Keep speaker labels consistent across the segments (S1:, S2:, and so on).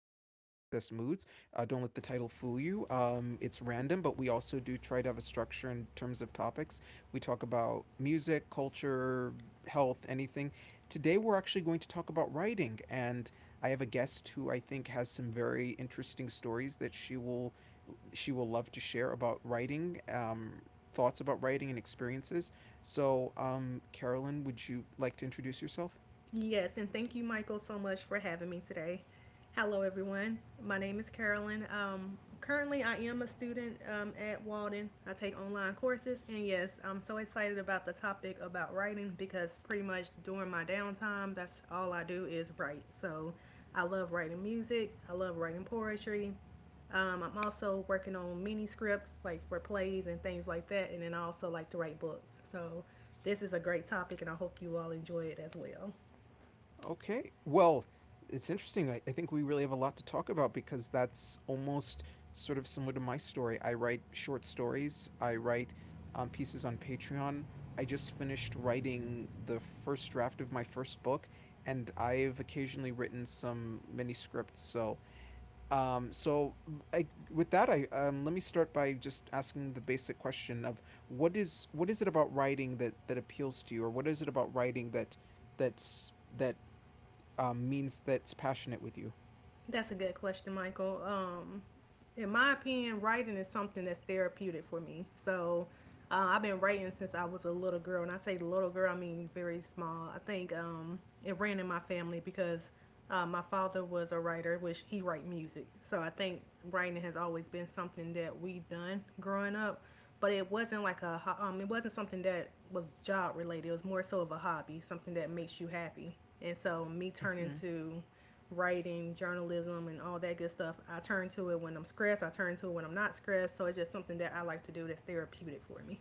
S1: of Random Access Moods. Don't let the title fool you. It's random, but we also do try to have a structure in terms of topics. We talk about music, culture, health, anything. Today, we're actually going to talk about writing, and I have a guest who I think has some very interesting stories that she will love to share about writing, thoughts about writing, and experiences. So, Carolyn, would you like to introduce yourself?
S2: Yes, and thank you, Michael, so much for having me today. Hello, everyone. My name is Carolyn. Currently, I am a student at Walden. I take online courses, and yes, I'm so excited about the topic about writing because pretty much during my downtime, that's all I do is write. So I love writing music, I love writing poetry. I'm also working on mini scripts, like for plays and things like that, and then I also like to write books. So this is a great topic, and I hope you all enjoy it as well.
S1: Okay. Well, it's interesting. I think we really have a lot to talk about because that's almost sort of similar to my story. I write short stories, I write pieces on Patreon. I just finished writing the first draft of my first book, and I've occasionally written some mini scripts. So, um, so I, with that, I let me start by just asking the basic question of what is it about writing that appeals to you, or what is it about writing that's that that's passionate with you.
S2: That's a good question, Michael. In my opinion, writing is something that's therapeutic for me. So I've been writing since I was a little girl. And I say little girl, I mean very small. I think it ran in my family because my father was a writer, which he write music. So I think writing has always been something that we have done growing up. But it wasn't like it wasn't something that was job related. It was more so of a hobby, something that makes you happy. And so me turning
S1: hmm
S2: to writing, journalism, and all that good stuff. I turn to it when I'm stressed. I turn to it when I'm not stressed. So it's just something that I like to do that's therapeutic for me.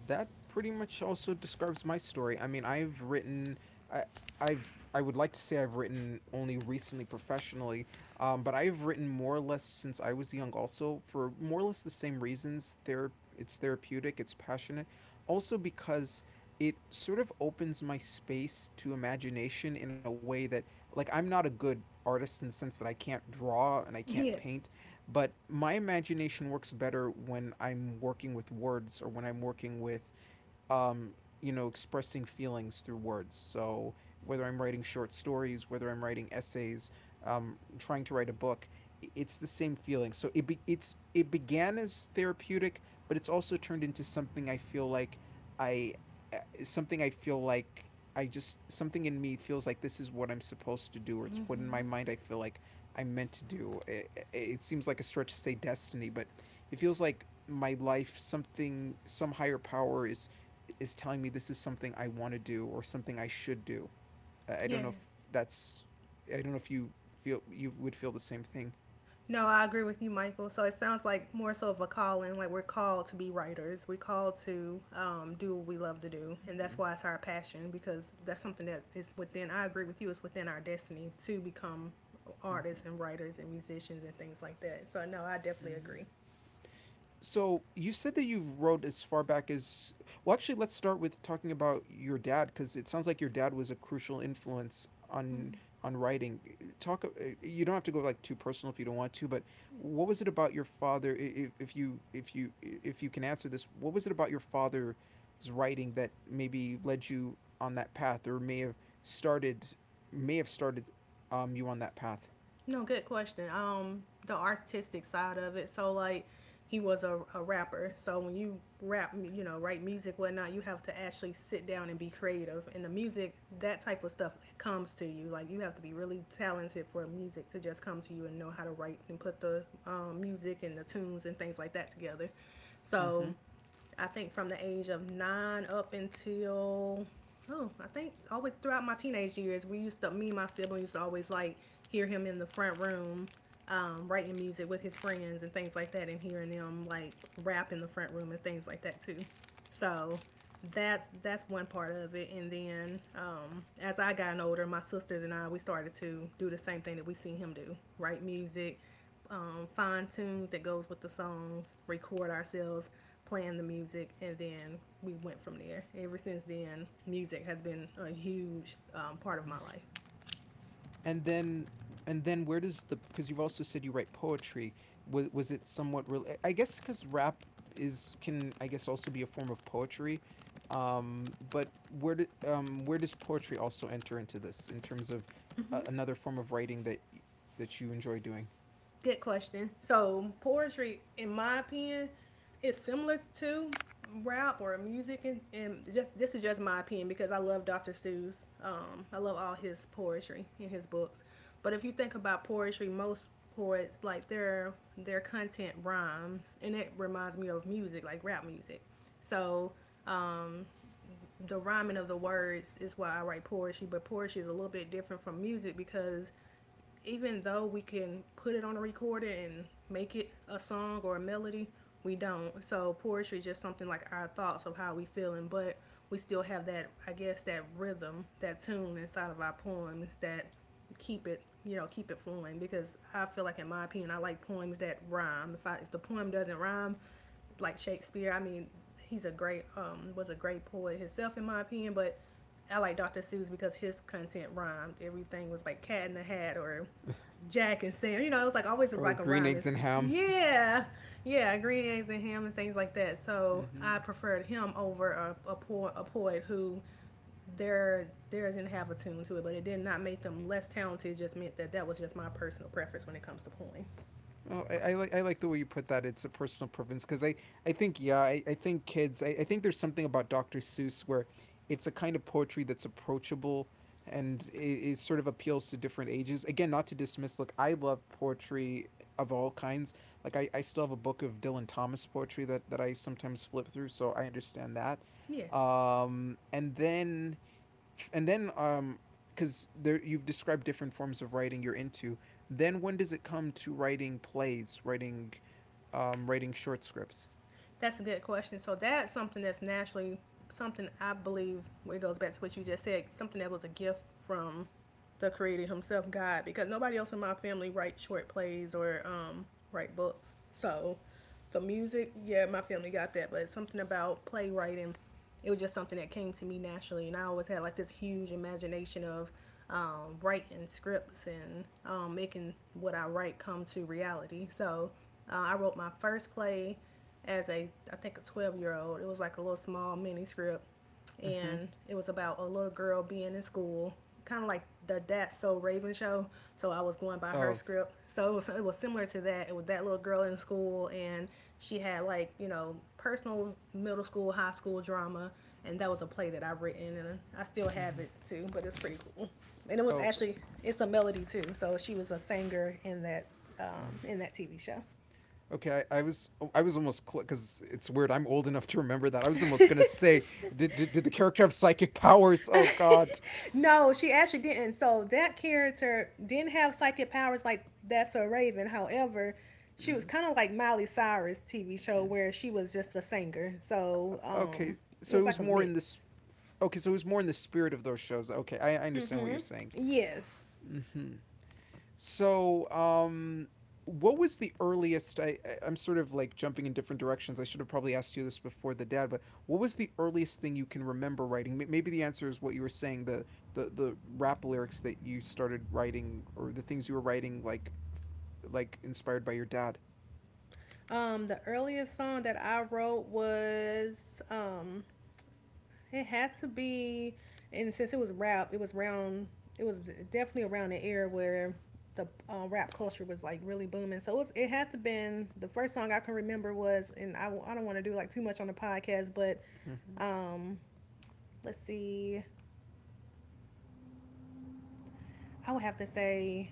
S1: That pretty much also describes my story. I mean, I, I would like to say I've written only recently professionally, but I've written more or less since I was young, also for more or less the same reasons. It's therapeutic, it's passionate, also because it sort of opens my space to imagination in a way that, like, I'm not a good artist in the sense that I can't draw and I can't
S2: Yeah.
S1: paint, but my imagination works better when I'm working with words or when I'm working with, um, expressing feelings through words. So whether I'm writing short stories, whether I'm writing essays, trying to write a book, it's the same feeling. So it be, it's it began as therapeutic, but it's also turned into something I feel like I uh, something I feel like, I just something in me feels like this is what I'm supposed to do, or it's what in my
S2: Mm-hmm.
S1: mind I feel like I'm meant to do. It seems like a stretch to say destiny, but it feels like my life something, some higher power is telling me this is something I want to do or something I should do. I don't know
S2: Yeah.
S1: if that's. I don't know if you would feel the same thing.
S2: No, I agree with you, Michael. So it sounds like more so of a calling. Like we're called to be writers. We're called to do what we love to do, and
S1: Mm-hmm,
S2: that's why it's our passion because that's something that is within. I agree with you. It's within our destiny to become
S1: mm-hmm,
S2: artists and writers and musicians and things like that. So no, I definitely
S1: mm-hmm.
S2: agree.
S1: So you said that you wrote as far back as, well, actually, let's start with talking about your dad because it sounds like your dad was a crucial influence on
S2: Mm-hmm.
S1: writing. Talk. You don't have to go like too personal if you don't want to, but what was it about your father? I- if you I- if you can answer this, what was it about your father's writing that maybe led you on that path, or started may have started, you on that path?
S2: No, good question. The artistic side of it. So like, he was a rapper. So when you rap, write music, whatnot, you have to actually sit down and be creative. And the music, that type of stuff comes to you. Like you have to be really talented for music to just come to you and know how to write and put the music and the tunes and things like that together.
S1: Mm-hmm.
S2: So I think from the age of nine up until oh, I think always throughout my teenage years, we used to me and my siblings used to always like hear him in the front room, writing music with his friends and things like that, and hearing them like rap in the front room and things like that too. So that's one part of it. And then as I gotten older, my sisters and I we started to do the same thing that we seen him do: write music, fine tunes that goes with the songs, record ourselves playing the music, and then we went from there. Ever since then, music has been a huge part of my life.
S1: And then where does the, because you've also said you write poetry, was it somewhat real, I guess, because rap is can, I guess, also be a form of poetry, but where does poetry also enter into this in terms of, another form of writing that you enjoy doing?
S2: Good question. So poetry, in my opinion, is similar to rap or music, and just this is just my opinion because I love Dr. Seuss. I love all his poetry in his books. But if you think about poetry, most poets like their content rhymes, and it reminds me of music, like rap music. So the rhyming of the words is why I write poetry. But poetry is a little bit different from music because even though we can put it on a recorder and make it a song or a melody, we don't. So poetry is just something like our thoughts of how we feeling, but we still have that I guess that rhythm, that tune inside of our poems that keep it keep it flowing because I feel like in my opinion I like poems that rhyme. If the poem doesn't rhyme, like Shakespeare, I mean he's a great was a great poet himself in my opinion, but I like Dr. Seuss because his content rhymed. Everything was like Cat in the Hat or Jack and Sam. It was like always
S1: Or
S2: like a
S1: green
S2: rhyme.
S1: eggs
S2: It's
S1: and ham.
S2: yeah, yeah, Green Eggs and Ham and things like that. So I
S1: Mm-hmm.
S2: preferred him over a poet who theirs didn't have a tune to it, but it did not make them less talented. It just meant that that was just my personal preference when it comes to poems.
S1: Oh, I like, I like the way you put that. It's a personal preference because I think, yeah, I think kids, I think there's something about Dr. Seuss where it's a kind of poetry that's approachable and is sort of appeals to different ages. Again, not to dismiss. Look, I love poetry of all kinds. Like I still have a book of Dylan Thomas poetry that I sometimes flip through, so I understand that.
S2: Yeah,
S1: And then and then um because there you've described different forms of writing you're into, then when does it come to writing plays, writing, writing short scripts?
S2: that's a good question. So that's something that's naturally something I believe where it goes back to what you just said, something that was a gift from the creator himself, God, because nobody else in my family writes short plays or write books. So the music, yeah, my family got that, but something about playwriting, it was just something that came to me naturally. And I always had like this huge imagination of writing scripts and making what I write come to reality. So I wrote my first play as a, I think, a 12-year-old. It was like a little small mini script,
S1: Mm-hmm.
S2: and it was about a little girl being in school, kind of like the That So Raven show. So I was going by her
S1: Oh.
S2: script. So it was similar to that. It was that little girl in school, and she had like personal middle school, high school drama. And that was a play that I've written, and I still have
S1: Mm-hmm.
S2: it too. But it's pretty cool, and it was
S1: Oh.
S2: actually it's a melody too. So she was a singer in that um,
S1: Mm.
S2: in that TV show.
S1: Okay. I was almost, because it's weird, I'm old enough to remember that, I was almost gonna say, did the character have psychic powers? Oh god.
S2: No, she actually didn't. So that character didn't have psychic powers like that's a Raven. However, she was
S1: Mm-hmm.
S2: kind of like Miley Cyrus TV show where she was just a singer. So
S1: Okay,
S2: it
S1: so it
S2: was like
S1: was
S2: a
S1: more in this.
S2: mix.
S1: Okay, so it was more in the spirit of those shows. Okay, I understand what you're saying.
S2: Yes.
S1: Mm-hmm. So, what was the earliest? I'm sort of like jumping in different directions. I should have probably asked you this before the dad, but what was the earliest thing you can remember writing? Maybe the answer is what you were saying, the rap lyrics that you started writing, or the things you were writing, like inspired by your dad.
S2: The earliest song that I wrote was. It had to be, and since it was rap, it was round. It was definitely around the era where the rap culture was like really booming. So it had to been the first song I can remember was, and I don't want to do like too much on the podcast, but
S1: Hmm.
S2: um, let's see, I would have to say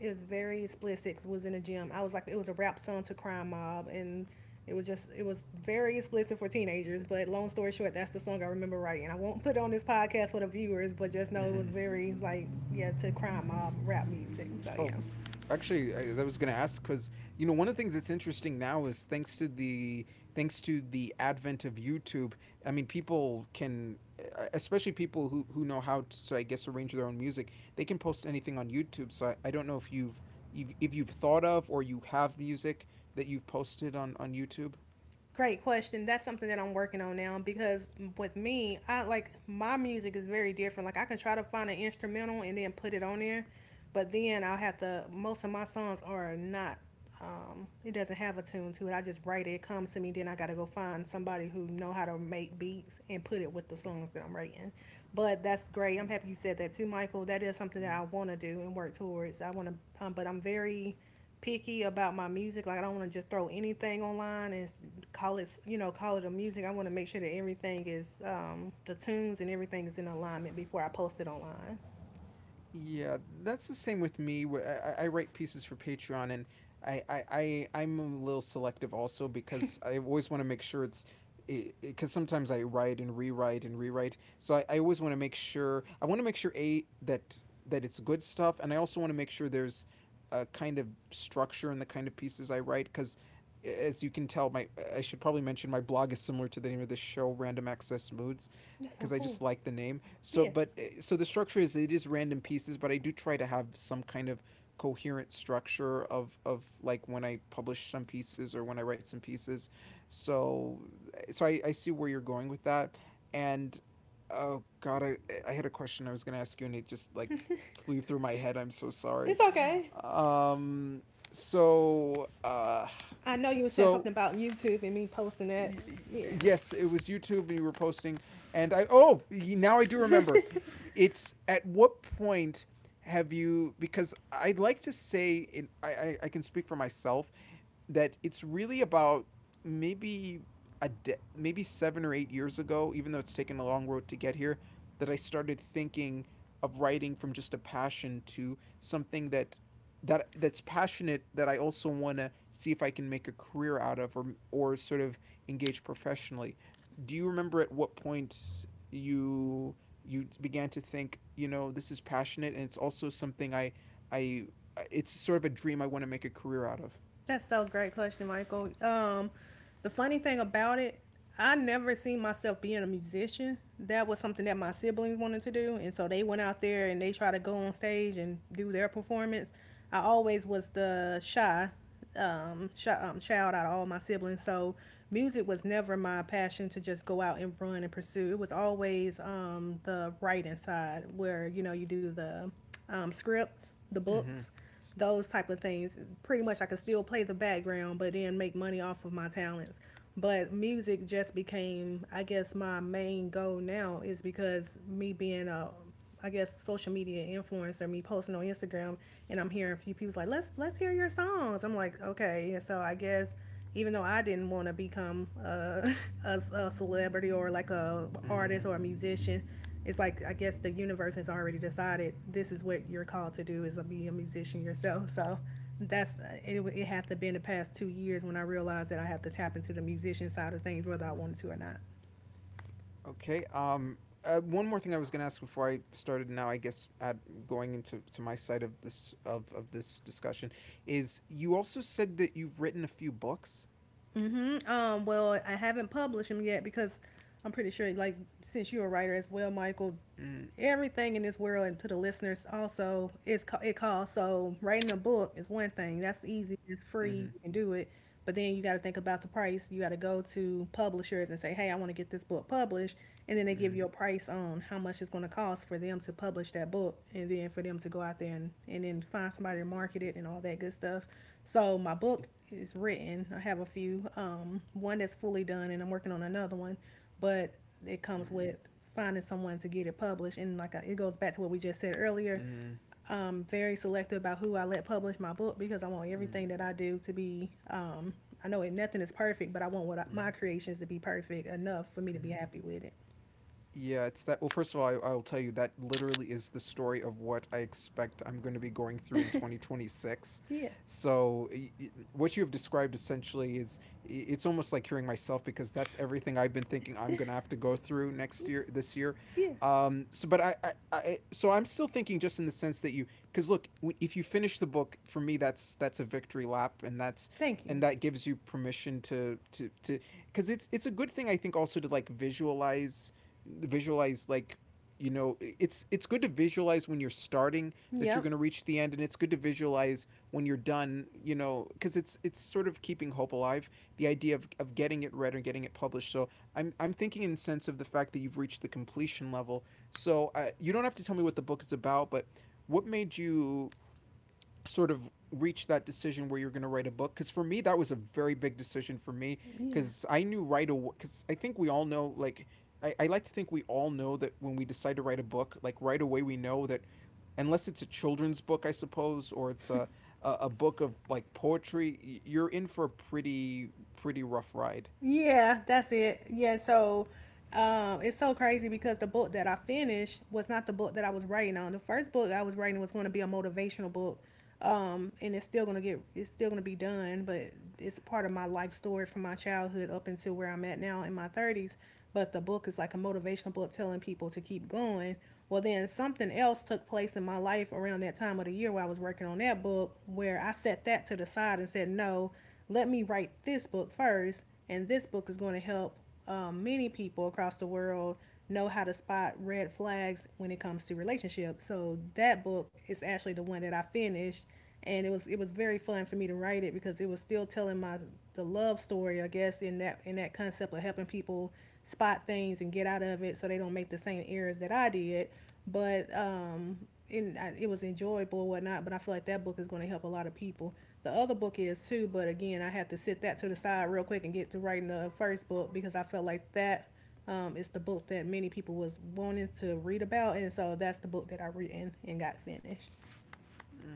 S2: is very explicit. 'Cause it was in the gym. I was like, it was a rap song to Crime Mob, and it was very explicit for teenagers. But long story short, that's the song I remember writing. I won't put it on this podcast for the viewers, but just know it was
S1: Hmm.
S2: very like, yeah, to Crime Mob rap music. So
S1: Oh,
S2: yeah.
S1: actually, that was going to ask because, you know, one of the things that's interesting now is thanks to the, advent of YouTube, I mean, people can, especially people who know how to, I guess, arrange their own music, they can post anything on YouTube. So I don't know if you've thought of or you have music that you've posted on YouTube.
S2: Great question. That's something that I'm working on now because with me, I like my music is very different. Like I can try to find an instrumental and then put it on there, but then I'll have to. Most of my songs are not. It doesn't have a tune to it. I just write it. It comes to me. Then I gotta go find somebody who know how to make beats and put it with the songs that I'm writing. But that's great. I'm
S1: Okay.
S2: happy you said that too, Michael. That is something that I
S1: Hmm.
S2: want to do and work towards. But I'm very picky about my music. Like I don't want to just throw anything online and call it a music. I want to make sure that everything is, the tunes and everything is in alignment before I post it online.
S1: Yeah, that's the same with me. I write pieces for Patreon, and I'm a little selective also because I always want to make sure it's, because sometimes I write and rewrite and rewrite. So, I always want to make sure, I want to make sure, a, that it's good stuff, and I also want to make sure there's a kind of structure in the kind of pieces I write because, as you can tell, my, I should probably mention my blog is similar to the name of this show, Random Access Moods,
S2: That's
S1: because
S2: so
S1: I
S2: cool.
S1: just like the name. So,
S2: Yeah,
S1: but so the structure is, it is random pieces, but I do try to have some kind of coherent structure of like when I publish some pieces or when I write some pieces. So, I see where you're going with that, and, oh god, I had a question I was gonna ask you and it just like flew through my head. I'm so sorry.
S2: it's okay.
S1: Um, so
S2: I know you said
S1: so
S2: something about YouTube and me posting that.
S1: y-
S2: Yeah,
S1: Yes, it was YouTube and you were posting and I oh, now I do remember. It's, at what point have you, because I'd like to say I can speak for myself that it's really about maybe maybe 7 or 8 years ago, even though it's taken a long road to get here, that I started thinking of writing from just a passion to something that that that's passionate, that I also want to see if I can make a career out of, or sort of engage professionally. Do you remember at what point you you began to think, you know, this is passionate and it's also something I it's sort of a dream I want to make a career out of?
S2: that's so great question, Michael. The funny thing about it, I never seen myself being a musician. That was something that my siblings wanted to do, and so they went out there and they tried to go on stage and do their performance. I always was the shy child out of all my siblings. So music was never my passion to just go out and run and pursue. It was always the writing side where, you do the scripts, the
S1: Mm-hmm.
S2: books, those type of things. Pretty much I could still play the background, but then make money off of my talents. But music just became, I guess, my main goal now is because me being a I guess social media influencer me posting on Instagram and I'm hearing a few people like let's hear your songs. I'm like okay, and so I guess even though I didn't want to become a celebrity or like a
S1: Hmm.
S2: artist or a musician, it's like I guess the universe has already decided this is what you're called to do is to be a musician yourself. So that's it had to be in the past 2 years when I realized that I had to tap into the musician side of things whether I wanted to or not.
S1: Okay. One more thing I was going to ask before I started, now, I guess, at going into to my side of this discussion, is you also said that you've written a few books.
S2: Mm-hmm. Well, I haven't published them yet because I'm pretty sure, like, since you're a writer as well, Michael,
S1: Mm-hmm.
S2: everything in this world and to the listeners also is it costs. So writing a book is one thing. That's easy. It's
S1: Mm-hmm.
S2: free. You can do it. But then you got to think about the price. You got to go to publishers and say, "Hey, I want to get this book published," and then they give
S1: Mm-hmm.
S2: you a price on how much it's going to cost for them to publish that book, and then for them to go out there and then find somebody to market it and all that good stuff. So my book is written. I have a few. One that's fully done, and I'm working on another one. But it comes with finding someone to get it published, and it goes back to what we just said earlier.
S1: Mm-hmm.
S2: I'm very selective about who I let publish my book because I want everything that I do to be. I know nothing is perfect, but I want what
S1: Mm-hmm.
S2: my creations to be perfect enough for me to be happy with it.
S1: Yeah, it's that. Well, first of all, I'll tell you that literally is the story of what I expect I'm going to be going through in 2026.
S2: Yeah,
S1: So, what you have described essentially is, it's almost like hearing myself because that's everything I've been thinking I'm going to have to go through next year, this year.
S2: yeah.
S1: So, but I, so I'm still thinking just in the sense that because look, if you finish the book, for me, that's a victory lap
S2: Thank
S1: and
S2: you.
S1: that gives you permission because it's a good thing, I think, also to like visualize. It's it's good to visualize when you're starting that you're
S2: Yep.
S1: going to reach the end, and it's good to visualize when you're done, because it's sort of keeping hope alive, the idea of getting it read and getting it published. So I'm thinking in the sense of the fact that you've reached the completion level. So you don't have to tell me what the book is about, but what made you sort of reach that decision where you're going to write a book? Because for me, that was a very big decision for me,
S2: Yeah.
S1: because I knew right away, because I think we all know, like, I like to think we all know that when we decide to write a book, like, right away we know that unless it's a children's book, I suppose, or it's a book of like poetry, you're in for a pretty pretty rough ride.
S2: Yeah, that's it. Yeah, so it's so crazy because the book that I finished was not the book that I was writing on. The first book I was writing was going to be a motivational book, and it's still gonna get it's still gonna be done, but it's part of my life story from my childhood up until where I'm at now in my thirties. But the book is like a motivational book telling people to keep going. Well, then something else took place in my life around that time of the year where I was working on that book, where I set that to the side and said, no, let me write this book first, and this book is going to help many people across the world know how to spot red flags when it comes to relationships. So that book is actually the one that I finished, and it was very fun for me to write it because it was still telling my the love story, I guess, in that concept of helping people spot things and get out of it so they don't make the same errors that I did. But it was enjoyable or whatnot. But I feel like that book is going to help a lot of people. The other book is too, but again, I had to sit that to the side real quick and get to writing the first book because I felt like that is the book that many people was wanting to read about, and so that's the book that I read and got finished.
S1: Mm.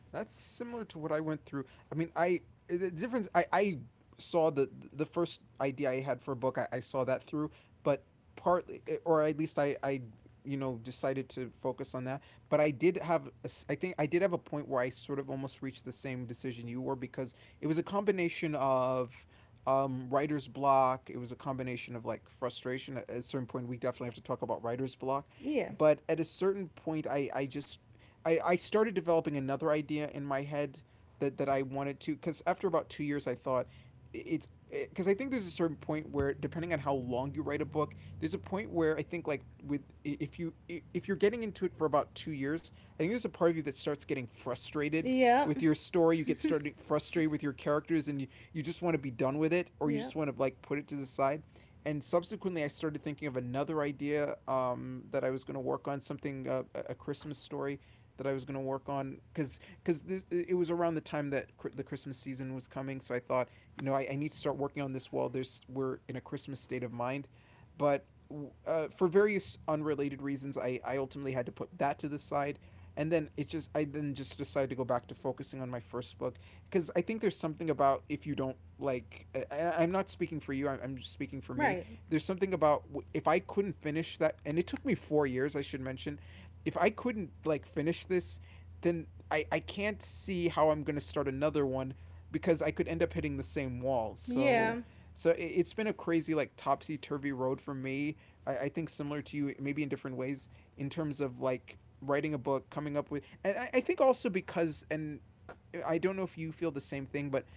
S1: That's similar to what I went through. I mean, I the difference I saw the first idea I had for a book. I saw that through, but partly or at least I decided to focus on that. But I did have a s I think I did have a point where I sort of almost reached the same decision you were, because it was a combination of writer's block, it was a combination of like frustration. At a certain point, we definitely have to talk about writer's block,
S2: Yeah.
S1: but at a certain point I just I started developing another idea in my head that I wanted to, because after about 2 years, I thought it's because it, I think there's a certain point where, depending on how long you write a book, there's a point where I think, like, with if you if you're getting into it for about 2 years, I think there's a part of you that starts getting frustrated
S2: Yep.
S1: with your story. You get started frustrated with your characters, and you just want to be done with it, or you
S2: Yep.
S1: just want to like put it to the side. And subsequently, I started thinking of another idea, that I was going to work on something, a Christmas story that I was going to work on, because it was around the time that the Christmas season was coming. So I thought, you know, I need to start working on this while there's we're in a Christmas state of mind. But for various unrelated reasons, I ultimately had to put that to the side. And then it just I then just decided to go back to focusing on my first book, because I think there's something about if you don't like I'm not speaking for you, I'm just speaking for me.
S2: Right.
S1: There's something about if I couldn't finish that, and it took me 4 years, I should mention, if I couldn't like finish this, then I can't see how I'm gonna start another one, because I could end up hitting the same wall. So
S2: Yeah.
S1: so it's been a crazy like topsy turvy road for me. I think similar to you, maybe in different ways in terms of like writing a book, coming up with, I think also because and I don't know if you feel the same thing, but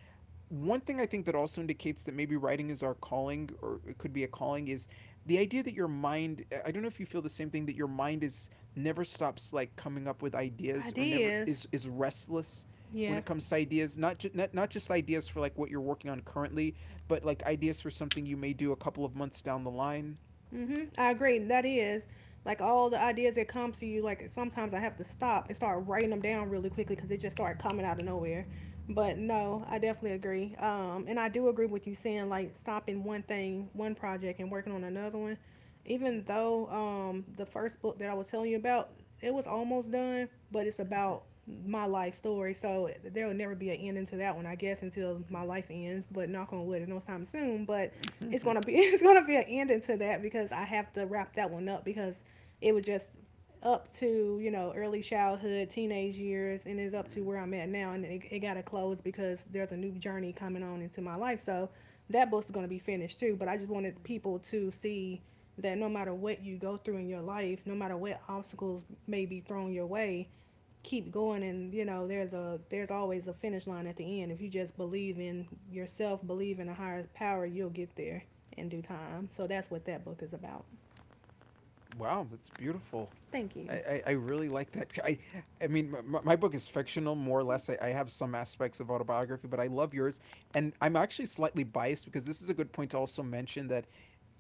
S1: one thing I think that also indicates that maybe writing is our calling, or it could be a calling, is the idea that your mind. I don't know if you feel the same thing, that your mind is never stops like coming up with ideas, or never
S2: Ideas.
S1: is is restless when
S2: Yeah.
S1: it comes to ideas. Not just not just ideas for like what you're working on currently, but like ideas for something you may do a couple of months down the line.
S2: I agree. That is like all the ideas that come to you. Like sometimes I have to stop and start writing them down really quickly because they just start coming out of nowhere. But no, I definitely agree. And I do agree with you saying like stopping one thing, one project, and working on another one. Even though the first book that I was telling you about, it was almost done, but it's about my life story. So there will never be an ending to that one, I guess, until my life ends. But knock on wood, there's no time soon. But it's gonna be it's gonna be an ending to that because I have to wrap that one up because it was just up to you know early childhood, teenage years, and is up to where I'm at now, and it got to close because there's a new journey coming on into my life. So that book's gonna be finished too. But I just wanted people to see that no matter what you go through in your life, no matter what obstacles may be thrown your way, keep going and you know there's always a finish line at the end if you just believe in yourself, believe in a higher power, you'll get there in due time. So that's what that book is about.
S1: Wow, that's beautiful.
S2: Thank you.
S1: I really like that. I mean, my book is fictional, more or less. I have some aspects of autobiography, but I love yours. And I'm actually slightly biased, because this is a good point to also mention that,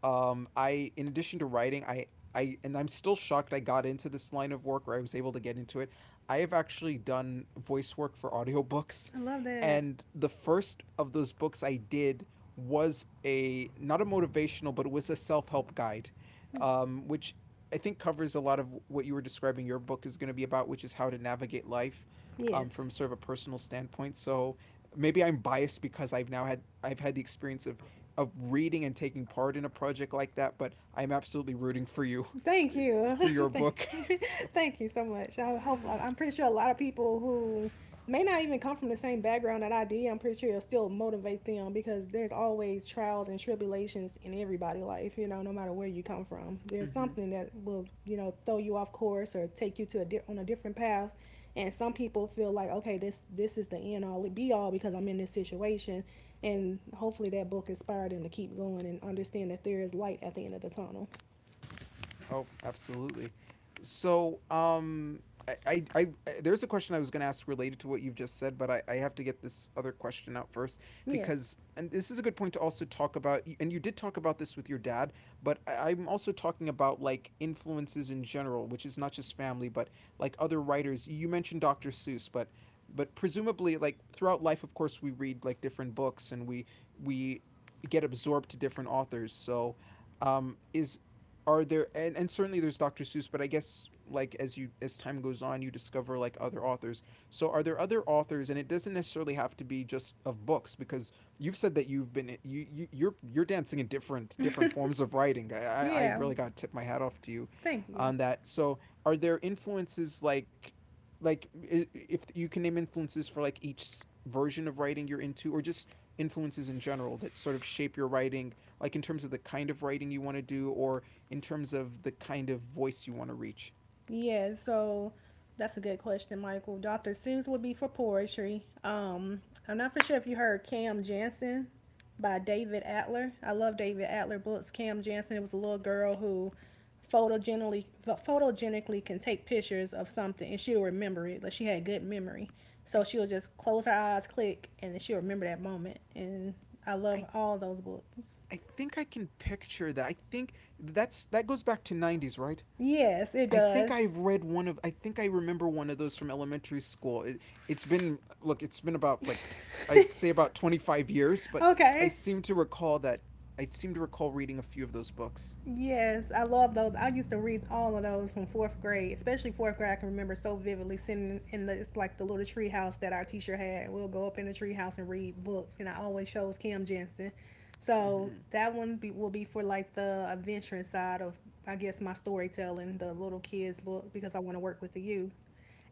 S1: I, in addition to writing, I, and I'm still shocked I got into this line of work, or I was able to get into it. I have actually done voice work for audiobooks.
S2: I love that.
S1: And the first of those books I did was a, not a motivational, but it was a self help guide, which I think covers a lot of what you were describing your book is going to be about, which is how to navigate life
S2: Yes.
S1: from sort of a personal standpoint. So maybe I'm biased because I've had the experience of reading and taking part in a project like that, but I'm absolutely rooting for you,
S2: Thank you.
S1: for your
S2: thank,
S1: book. So
S2: thank you so much. I hope, I'm pretty sure a lot of people who may not even come from the same background that I did, I'm pretty sure it'll still motivate them because there's always trials and tribulations in everybody's life, you know, no matter where you come from. There's
S1: Mm-hmm.
S2: something that will, you know, throw you off course or take you to on a different path. And some people feel like, okay, this is the end all be all because I'm in this situation. And hopefully that book inspired them to keep going and understand that there is light at the end of the tunnel.
S1: Oh, absolutely. So, there's a question I was going to ask related to what you've just said, but I have to get this other question out first,
S2: Yeah.
S1: because, and this is a good point to also talk about. And you did talk about this with your dad, but I'm also talking about like influences in general, which is not just family, but like other writers. You mentioned Dr. Seuss, but presumably like throughout life, of course, we read like different books, and we get absorbed to different authors. So is are there, and certainly there's Dr. Seuss, but I guess, like, as you as time goes on, you discover like other authors. So are there other authors? And it doesn't necessarily have to be just of books, because you've said that you've been you're dancing in different forms of writing. I
S2: Yeah,
S1: really got to tip my hat off to you
S2: thank you.
S1: on that. So are there influences, like, if you can name influences for like each version of writing you're into, or just influences in general that sort of shape your writing, like in terms of the kind of writing you want to do, or in terms of the kind of voice you want to reach.
S2: Yeah, so that's a good question, Michael. Dr. Seuss would be for poetry. I'm not for sure if you heard Cam Jansen by David Atler. I love David Atler books. Cam Jansen, it was a little girl who photogenically can take pictures of something and she'll remember it. Like she had good memory. So
S1: I
S2: she'll just close her eyes, click, and then she'll remember that moment. And I
S1: I
S2: love all those books.
S1: I think I can picture that. I think that's that goes back to '90s, right?
S2: Yes, it does.
S1: I think I remember one of those from elementary school. It's been look, it's been about like I'd say about 25 years, but I
S2: Okay.
S1: seem to recall that I seem to recall reading a few of those books.
S2: Yes, I love those. I used to read all of those from fourth grade, especially fourth grade. I can remember so vividly sitting in the it's like the little tree house that our teacher had. We'll go up in the tree house and read books, and I always chose Kim Jensen. So
S1: Mhm.
S2: that one will be for like the adventurous side of, I guess, my storytelling, the little kids book, because I want to work with the youth.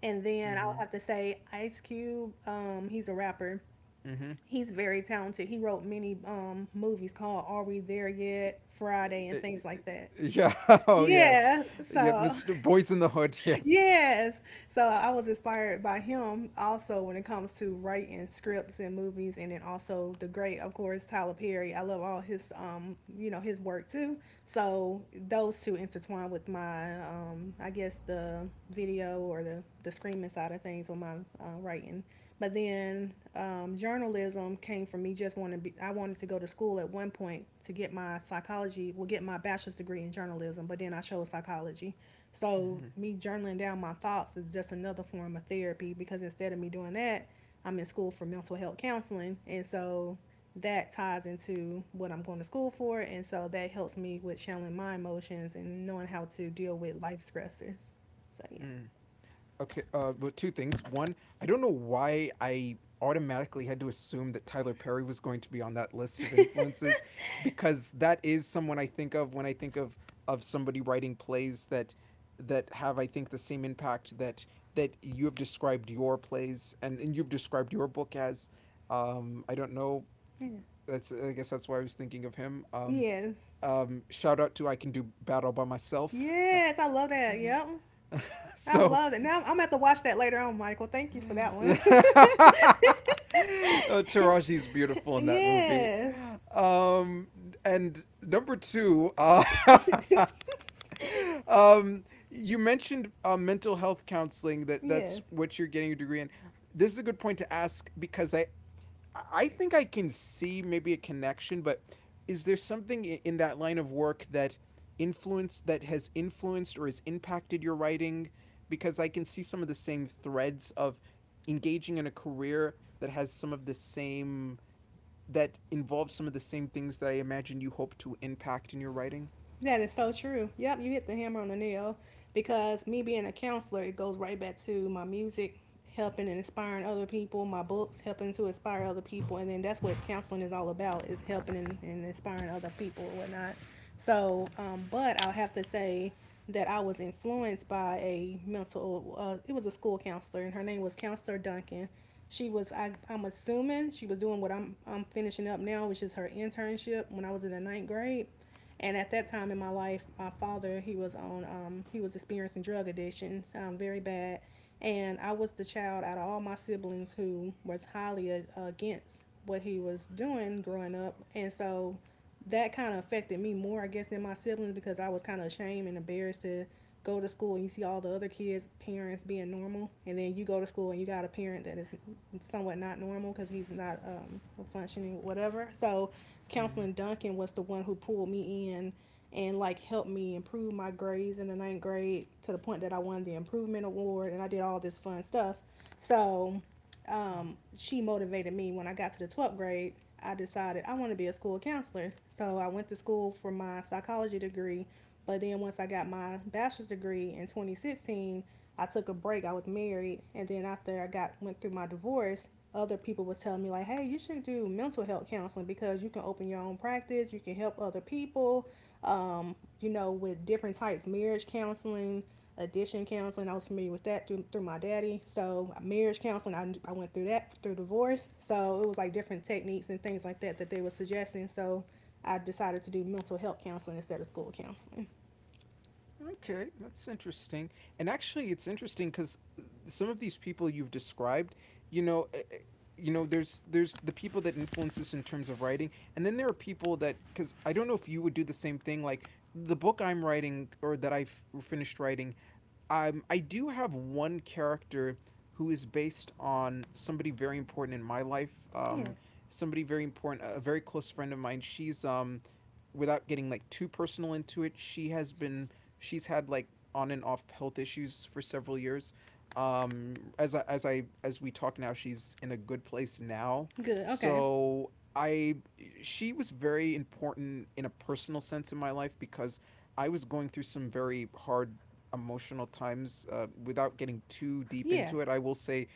S2: And then I'll
S1: Mhm.
S2: have to say Ice Cube. He's a rapper.
S1: Mhm.
S2: He's very talented. He wrote many movies called "Are We There Yet?" Friday
S1: Uh,
S2: and things like that.
S1: Yeah. Oh, yes.
S2: Yeah,
S1: Yeah,
S2: so
S1: Mr. Boys in the Hood. Yes.
S2: yes. So I was inspired by him also when it comes to writing scripts and movies and then also the great, of course, Tyler Perry. I love all his you know, his work too. So those two intertwine with my I guess the video or the screaming side of things with my writing. But then journalism came from me just wanting to be, I wanted to go to school at one point to get my psychology, well, get my bachelor's degree in journalism, but then I chose psychology. So,
S1: Mhm.
S2: me journaling down my thoughts is just another form of therapy because instead of me doing that, I'm in school for mental health counseling. And so that ties into what I'm going to school for. And so that helps me with channeling my emotions and knowing how to deal with life stressors. So, yeah.
S1: Mm. Okay, but two things. One, I don't know why I automatically had to assume that Tyler Perry was going to be on that list of influences, because that is someone I think of when I think of somebody writing plays that that have, I think, the same impact that that you have described your plays and you've described your book as. I don't know.
S2: Yeah.
S1: That's I guess that's why I was thinking of him.
S2: Yes.
S1: Shout out to I Can Do Battle By Myself.
S2: Yes. I love that. Yep. I
S1: So
S2: love that. Now I'm going to have to watch that later on, Michael. Thank you for that one.
S1: oh, Taraji's beautiful in that movie.
S2: yes.
S1: Um, and number two, you mentioned mental health counseling. That that's
S2: Yes.
S1: what you're getting your degree in. This is a good point to ask, because think I can see maybe a connection, but is there something in that line of work that influence that has influenced or has impacted your writing? Because I can see some of the same threads of engaging in a career that has some of the same that involves some of the same things that I imagine you hope to impact in your writing.
S2: That is so true. Yep, you hit the hammer on the nail because me being a counselor, it goes right back to my music, helping and inspiring other people, my books, helping to inspire other people. And then that's what counseling is all about, is helping and inspiring other people and whatnot. So, but I'll have to say that I was influenced by a it was a school counselor, and her name was Counselor Duncan. She was, I'm assuming, she was doing what I'm finishing up now, which is her internship when I was in the 9th grade, and at that time in my life, my father, he was experiencing drug addictions, very bad, and I was the child out of all my siblings who was highly against what he was doing growing up, and so that kind of affected me more, I guess, than my siblings because I was kind of ashamed and embarrassed to go to school and you see all the other kids' parents being normal, and then you go to school and you got a parent that is somewhat not normal because he's not functioning, whatever. So,
S1: Mm-hmm.
S2: Counseling Duncan was the one who pulled me in and like helped me improve my grades in the 9th grade to the point that I won the improvement award and I did all this fun stuff. So, she motivated me when I got to the 12th grade. I decided I want to be a school counselor. So I went to school for my psychology degree, but then once I got my bachelor's degree in 2016, I took a break. I was married, and then after I got went through my divorce, other people was telling me like, "Hey, you should do mental health counseling because you can open your own practice, you can help other people, with different types, marriage counseling, addiction counseling. I was familiar with that through my daddy. So marriage counseling, I went through that through divorce. So it was like different techniques and things like that that they were suggesting. So I decided to do mental health counseling instead of school counseling.
S1: Okay, that's interesting. And actually, it's interesting because some of these people you've described, you know, you know, there's the people that influence us in terms of writing, and then there are people that, because I don't know if you would do the same thing. Like, the book I'm writing, or that I've finished writing, I do have one character who is based on somebody very important in my life.
S2: Yeah.
S1: Somebody very important, a very close friend of mine. She's without getting like too personal into it, she has been she's had like on and off health issues for several years. As we talk now, she's in a good place now.
S2: Good. Okay.
S1: So I she was very important in a personal sense in my life, because I was going through some very hard emotional times, without getting too deep
S2: Yeah.
S1: into it, I will say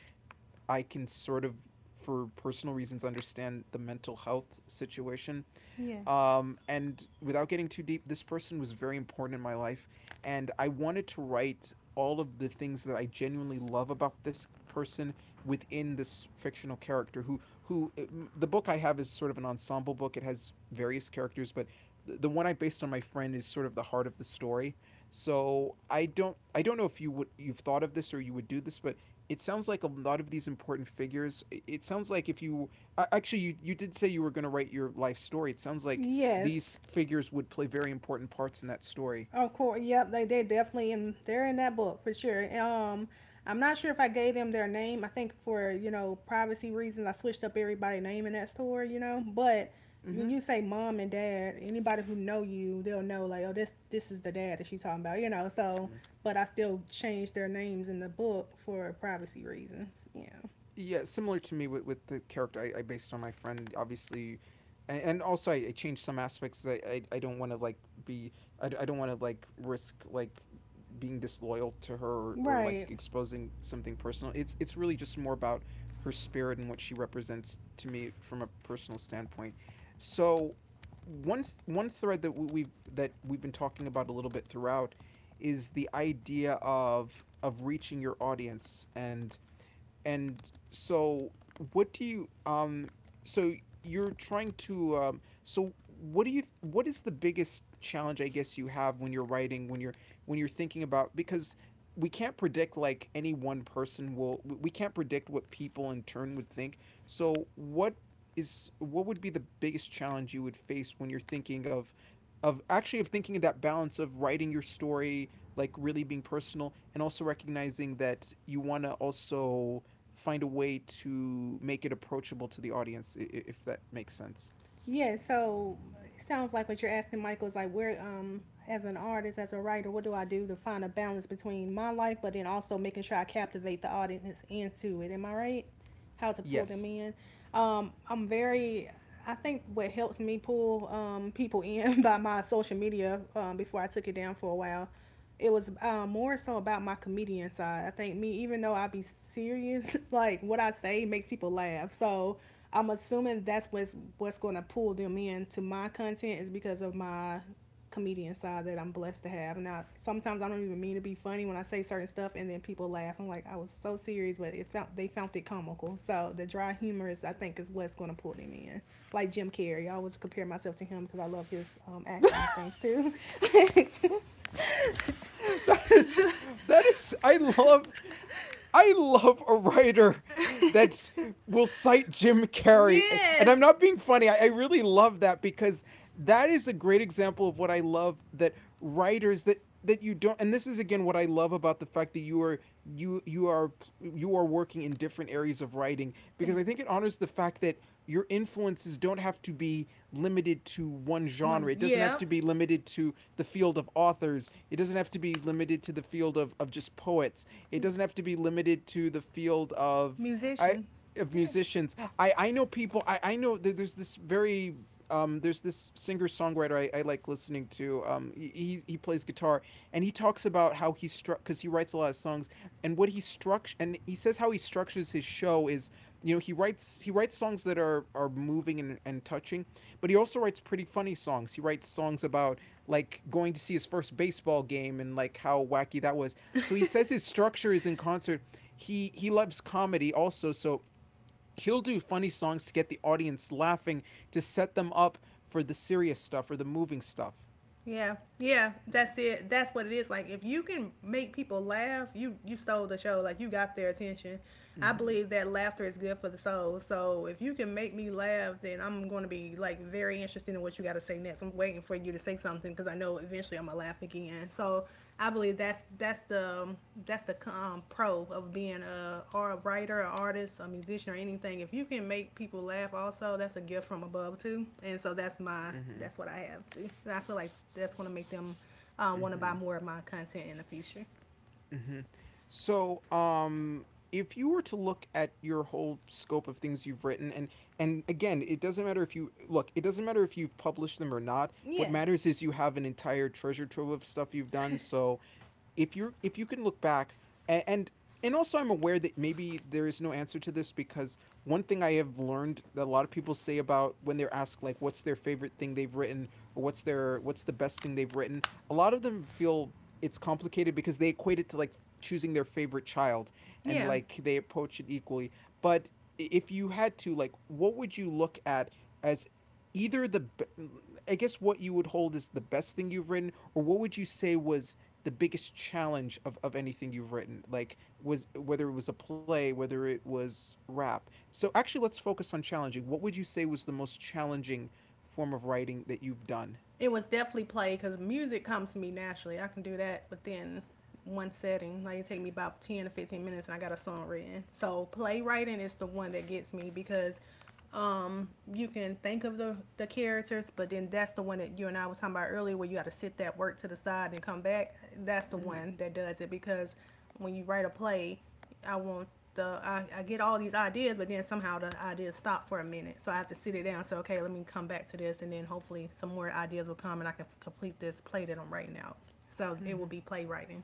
S1: I can sort of, for personal reasons, understand the mental health situation.
S2: Yeah.
S1: And without getting too deep, this person was very important in my life. And I wanted to write all of the things that I genuinely love about this person within this fictional character, who the book I have is sort of an ensemble book, it has various characters, but the one I based on my friend is sort of the heart of the story. So I don't know if you've thought of this, or you would do this, but it sounds like a lot of these important figures, it sounds like if you actually you did say you were going to write your life story, it sounds like
S2: Yes.
S1: these figures would play very important parts in that story.
S2: Of course, yep, they definitely in they're in that book for sure. I'm not sure if I gave them their name. I think for privacy reasons, I switched up everybody's name in that store. But
S1: Mm-hmm.
S2: when you say mom and dad, anybody who know you, they'll know like, oh, this is the dad that she's talking about. So but I still changed their names in the book for privacy reasons. Yeah,
S1: Yeah, similar to me with the character I based on my friend, obviously, and also I changed some aspects. I don't want to like be. I don't want to like risk like being disloyal to her, or like
S2: right.
S1: exposing something personal. It's really just more about her spirit and what she represents to me from a personal standpoint. So one thread that we, we've that we've been talking about a little bit throughout is the idea of reaching your audience, and so, what do you um? So So what do you? Th- What is the biggest challenge, I guess, you have when you're writing, when you're thinking about, because we can't predict like any one person will. We can't predict what people in turn would think. So what is what would be the biggest challenge you would face when you're thinking of actually of thinking of that balance of writing your story, like really being personal and also recognizing that you want to also find a way to make it approachable to the audience, if that makes sense.
S2: Yeah, so it sounds like what you're asking, Michael, is like where, as an artist, as a writer, what do I do to find a balance between my life, but then also making sure I captivate the audience into it? Am I right? How to pull them
S1: Yes.
S2: in? I'm very. I think what helps me pull people in by my social media, before I took it down for a while. It was more so about my comedian side. I think me, even though I be serious, like what I say makes people laugh. So I'm assuming that's what's going to pull them in to my content is because of my comedian side that I'm blessed to have. Now sometimes I don't even mean to be funny when I say certain stuff, and then people laugh. I'm like, I was so serious, but it found they found it comical. So the dry humor is, I think, is what's going to pull them in. Like Jim Carrey, I always compare myself to him because I love his acting and things too.
S1: that is that is I love a writer that will cite Jim Carrey. And I'm
S2: Yes.
S1: not being funny. I really love that, because that is a great example of what I love, that writers that you don't, and this is again what I love about the fact that you are working in different areas of writing, because
S2: Thank
S1: I think it honors the fact that your influences don't have to be limited to one genre.
S2: One,
S1: It doesn't have
S2: yeah,
S1: to be limited to the field of authors. It doesn't have to be limited to the field of just poets. It
S2: yeah,
S1: doesn't have to be limited to the field I
S2: musicians.
S1: of
S2: Yeah,
S1: musicians. I know people. I know that there's this very there's this singer songwriter I like listening to. He plays guitar, and he talks about how he struck because he writes a lot of songs, and he says how he structures his show is, he writes songs that are moving and touching, but he also writes pretty funny songs. He writes songs about like going to see his first baseball game and like how wacky that was. So he says his structure is in concert. He loves comedy also, so he'll do funny songs to get the audience laughing, to set them up for the serious stuff or the moving stuff.
S2: yeah, yeah. That's it. That's what it is. Like if you can make people laugh, you stole the show. Like you got their attention. I
S1: Mm-hmm.
S2: believe that laughter is good for the soul. So if you can make me laugh, then I'm going to be like very interested in what you got to say next. I'm waiting for you to say something because I know eventually I'm gonna laugh again. So I believe that's the pro of being a writer, an artist, a musician, or anything. If you can make people laugh, also that's a gift from above too. And so
S1: Mm-hmm.
S2: that's what I have too. And I feel like that's gonna make them want to buy
S1: Mm-hmm.
S2: more of my content in the future.
S1: Mhm. So, if you were to look at your whole scope of things you've written, and again, it doesn't matter if you look, it doesn't matter if you've published them or not. What
S2: Yeah,
S1: matters is you have an entire treasure trove of stuff you've done. So, if you can look back, and, and and also I'm aware that maybe there is no answer to this, because one thing I have learned that a lot of people say about when they're asked like what's their favorite thing they've written, or what's their what's the best thing they've written: a lot of them feel it's complicated because they equate it to like choosing their favorite child, and
S2: yeah.
S1: like they approach it equally. But if you had to, like what would you look at as either the, I guess, what you would hold as the best thing you've written, or what would you say was the biggest challenge of anything you've written, like, was, whether it was a play, whether it was rap. So actually let's focus on challenging. What would you say was the most challenging form of writing that you've done?
S2: It was definitely played because music comes to me naturally. I can do that within one setting. Like it take me about 10 to 15 minutes, and I got a song written. So playwriting is the one that gets me because um you can think of the characters, but then that's the one that you and I was talking about earlier where you got to sit that work to the side and come back. That's the one that does it because when you write a play, I want I get all these ideas, but then somehow the ideas stop for a minute. So I have to sit it down. So okay, let me come back to this, and then hopefully some more ideas will come, and I can complete this play that I'm writing out. So it will
S1: Mm-hmm.
S2: be playwriting.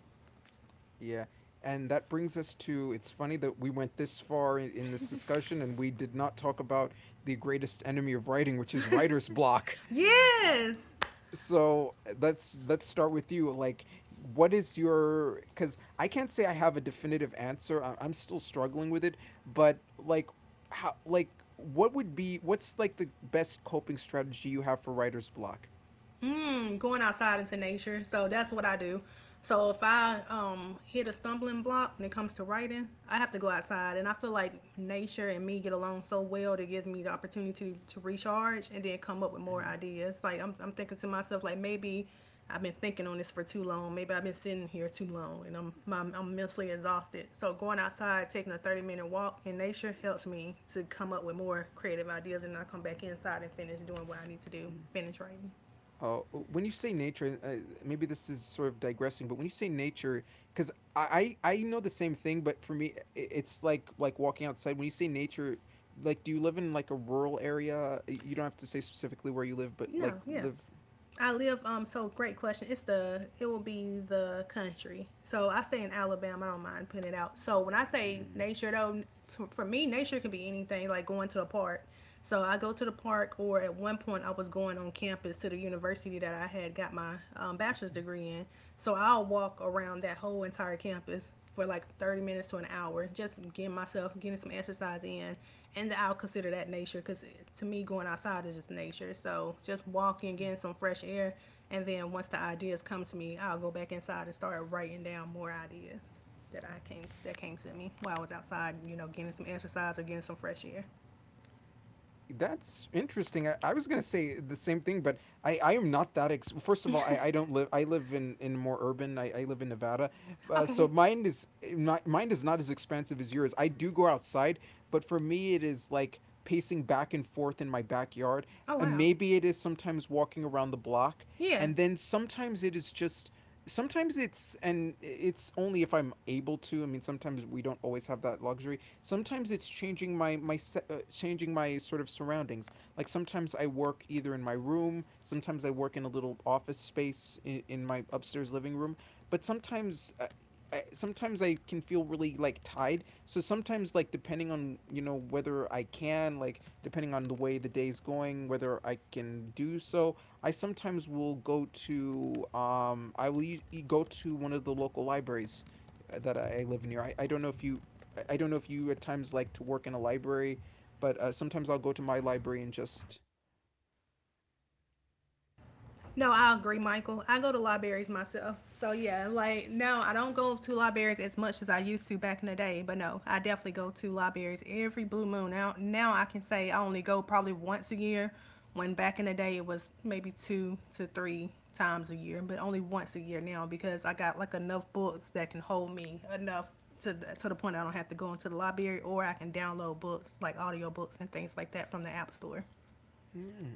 S1: Yeah, and that brings us to, it's funny that we went this far in this discussion and we did not talk about the greatest enemy of writing, which is writer's block.
S2: Yes.
S1: So, let's start with you, like, what is your, because I can't say I have a definitive answer. I'm still struggling with it, but like, how, like, what would be, what's like the best coping strategy you have for writer's block?
S2: Going outside into nature. So that's what I do. So if I hit a stumbling block when it comes to writing, I have to go outside, and I feel like nature and me get along so well that it gives me the opportunity to recharge and then come up with more
S1: Mhm.
S2: ideas. Like I'm thinking to myself, like maybe I've been thinking on this for too long. Maybe I've been sitting here too long, and I'm mentally exhausted. So going outside, taking a 30-minute walk in nature helps me to come up with more creative ideas, and I come back inside and finish doing what I need to do, finish writing.
S1: Oh, when you say nature, maybe this is sort of digressing, but when you say nature, because I know the same thing, but for me, it's like walking outside. When you say nature, like, do you live in like a rural area? You don't have to say specifically where you live, but like
S2: No, yeah.
S1: live.
S2: I live so great question. It will be the country. So I stay in Alabama. I don't mind putting it out. So when I say nature though, for me nature can be anything like going to a park. So I go to the park, or at one point I was going on campus to the university that I had got my bachelor's degree in. So I'll walk around that whole entire campus for like 30 minutes to an hour, just getting myself, getting some exercise in. And I'll consider that nature because to me, going outside is just nature. So just walking,
S1: Mm.
S2: getting some fresh air. And then once the ideas come to me, I'll go back inside and start writing down more ideas that came to me while I was outside, getting some exercise or getting some fresh air.
S1: That's interesting. I was gonna say the same thing, but I am not that. First of all, I don't live. I live in more urban. I live in Nevada, so
S2: Okay.
S1: mine is, not, mine is not as expansive as yours. I do go outside, but for me, it is like pacing back and forth in my backyard,
S2: Oh,
S1: and
S2: wow.
S1: maybe it is sometimes walking around the block,
S2: Yeah.
S1: and then sometimes it is just. Sometimes it's, and it's only if I'm able to. I mean, sometimes we don't always have that luxury. Sometimes it's changing my changing my sort of surroundings, like sometimes I work either in my room, sometimes I work in a little office space in my upstairs living room, but sometimes sometimes I can feel really like tied. So sometimes like depending on, whether I can, like depending on the way the day's going, whether I can do so, I sometimes will go to, I will u- e, go to one of the local libraries that I live near. I don't know if you, don't know if you at times like to work in a library, but sometimes I'll go to my library and just.
S2: No, I agree, Michael. I go to libraries myself. So yeah, like no, I don't go to libraries as much as I used to back in the day, but no, I definitely go to libraries every blue moon. Now I can say I only go probably once a year, when back in the day it was maybe two to three times a year, but only once a year now because I got like enough books that can hold me enough to the point I don't have to go into the library, or I can download books like audio books and things like that from the app store.
S1: Hmm.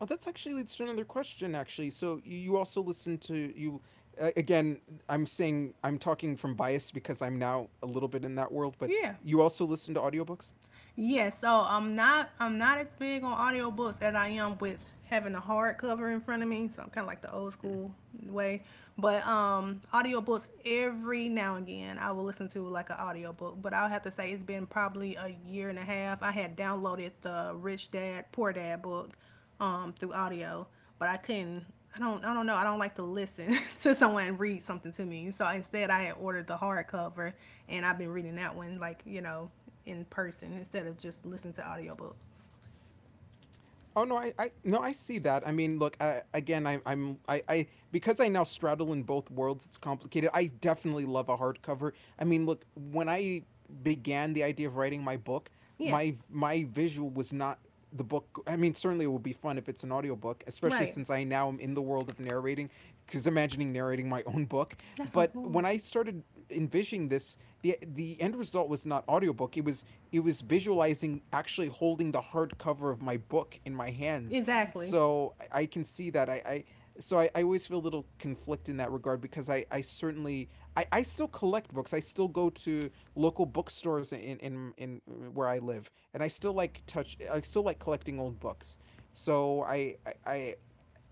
S1: Oh, that's actually leads to another question. Actually, so you also listen to you, again, I'm saying, I'm talking from bias because I'm now a little bit in that world, but
S2: Yeah.
S1: you also listen to audiobooks.
S2: Yeah, so I'm not as big on audiobooks as I am with having a hard cover in front of me. So I'm kind of like the old school way. But audiobooks every now and again I will listen to like an audiobook, but I'll have to say it's been probably a year and a half. I had downloaded the Rich Dad Poor Dad book through audio, but I couldn't. I don't. I don't know. I don't like to listen to someone read something to me. So instead, I had ordered the hardcover, and I've been reading that one like in person instead of just listening to audiobooks.
S1: Oh no, I no, I see that. I mean, look, again, I because I now straddle in both worlds. It's complicated. I definitely love a hardcover. I mean, look, when I began the idea of writing my book,
S2: Yeah,
S1: my visual was not the book. I mean, certainly it would be fun if it's an audiobook, especially
S2: right.
S1: since I now am in the world of narrating, because imagining narrating my own book.
S2: That's how.
S1: But when I started envisioning this, the end result was not audiobook, it was, it was visualizing actually holding the hardcover of my book in my hands.
S2: Exactly.
S1: So I can see that. I always feel a little conflict in that regard, because I certainly, I still collect books. I still go to local bookstores in where I live, and I still like touch I still like collecting old books. So I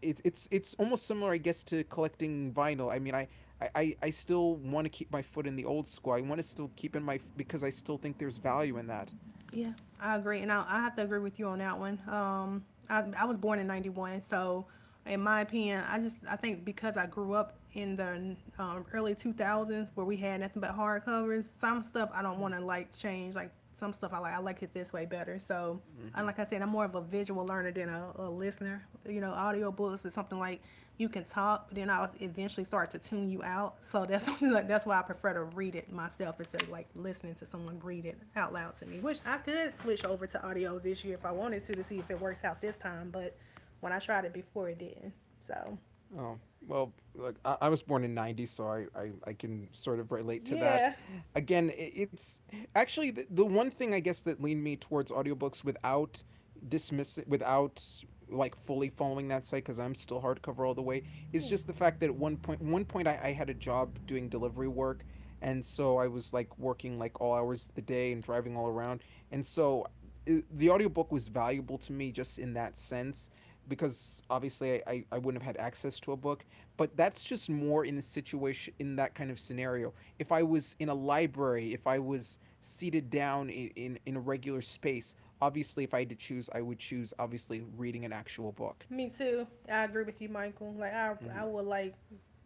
S1: it's almost similar, I guess, to collecting vinyl. I mean, I still want to keep my foot in the old school. I want to still keep in my, because I still think there's value in that.
S2: Yeah, I agree, and I have to agree with you on that one. I was born in '91, so in my opinion, I think because I grew up in the early 2000s where we had nothing but hardcovers, some stuff I don't want to like change. Like some stuff I like it this way better. So and
S1: Mm-hmm.
S2: like I said, I'm more of a visual learner than a listener. Audiobooks is something like you can talk, but then I'll eventually start to tune you out. So that's something like that's why I prefer to read it myself instead of like listening to someone read it out loud to me. Which I could switch over to audios this year if I wanted to see if it works out this time, but when I tried it before it didn't. So
S1: Oh well, like, I was born in '90, so I can sort of relate to that.
S2: yeah.
S1: Again, it's actually the one thing, I guess, that leaned me towards audiobooks without dismissing, without like fully following that site, because I'm still hardcover all the way,
S2: Yeah.
S1: is just the fact that at one point I had a job doing delivery work, and so I was like working like all hours of the day and driving all around, and so the audiobook was valuable to me just in that sense because obviously I wouldn't have had access to a book, but that's just more in a situation, in that kind of scenario. If I was in a library, if I was seated down in a regular space, obviously if I had to choose, I would choose obviously reading an actual book.
S2: Me too. I agree with you, Michael. Like I
S1: Hmm.
S2: would like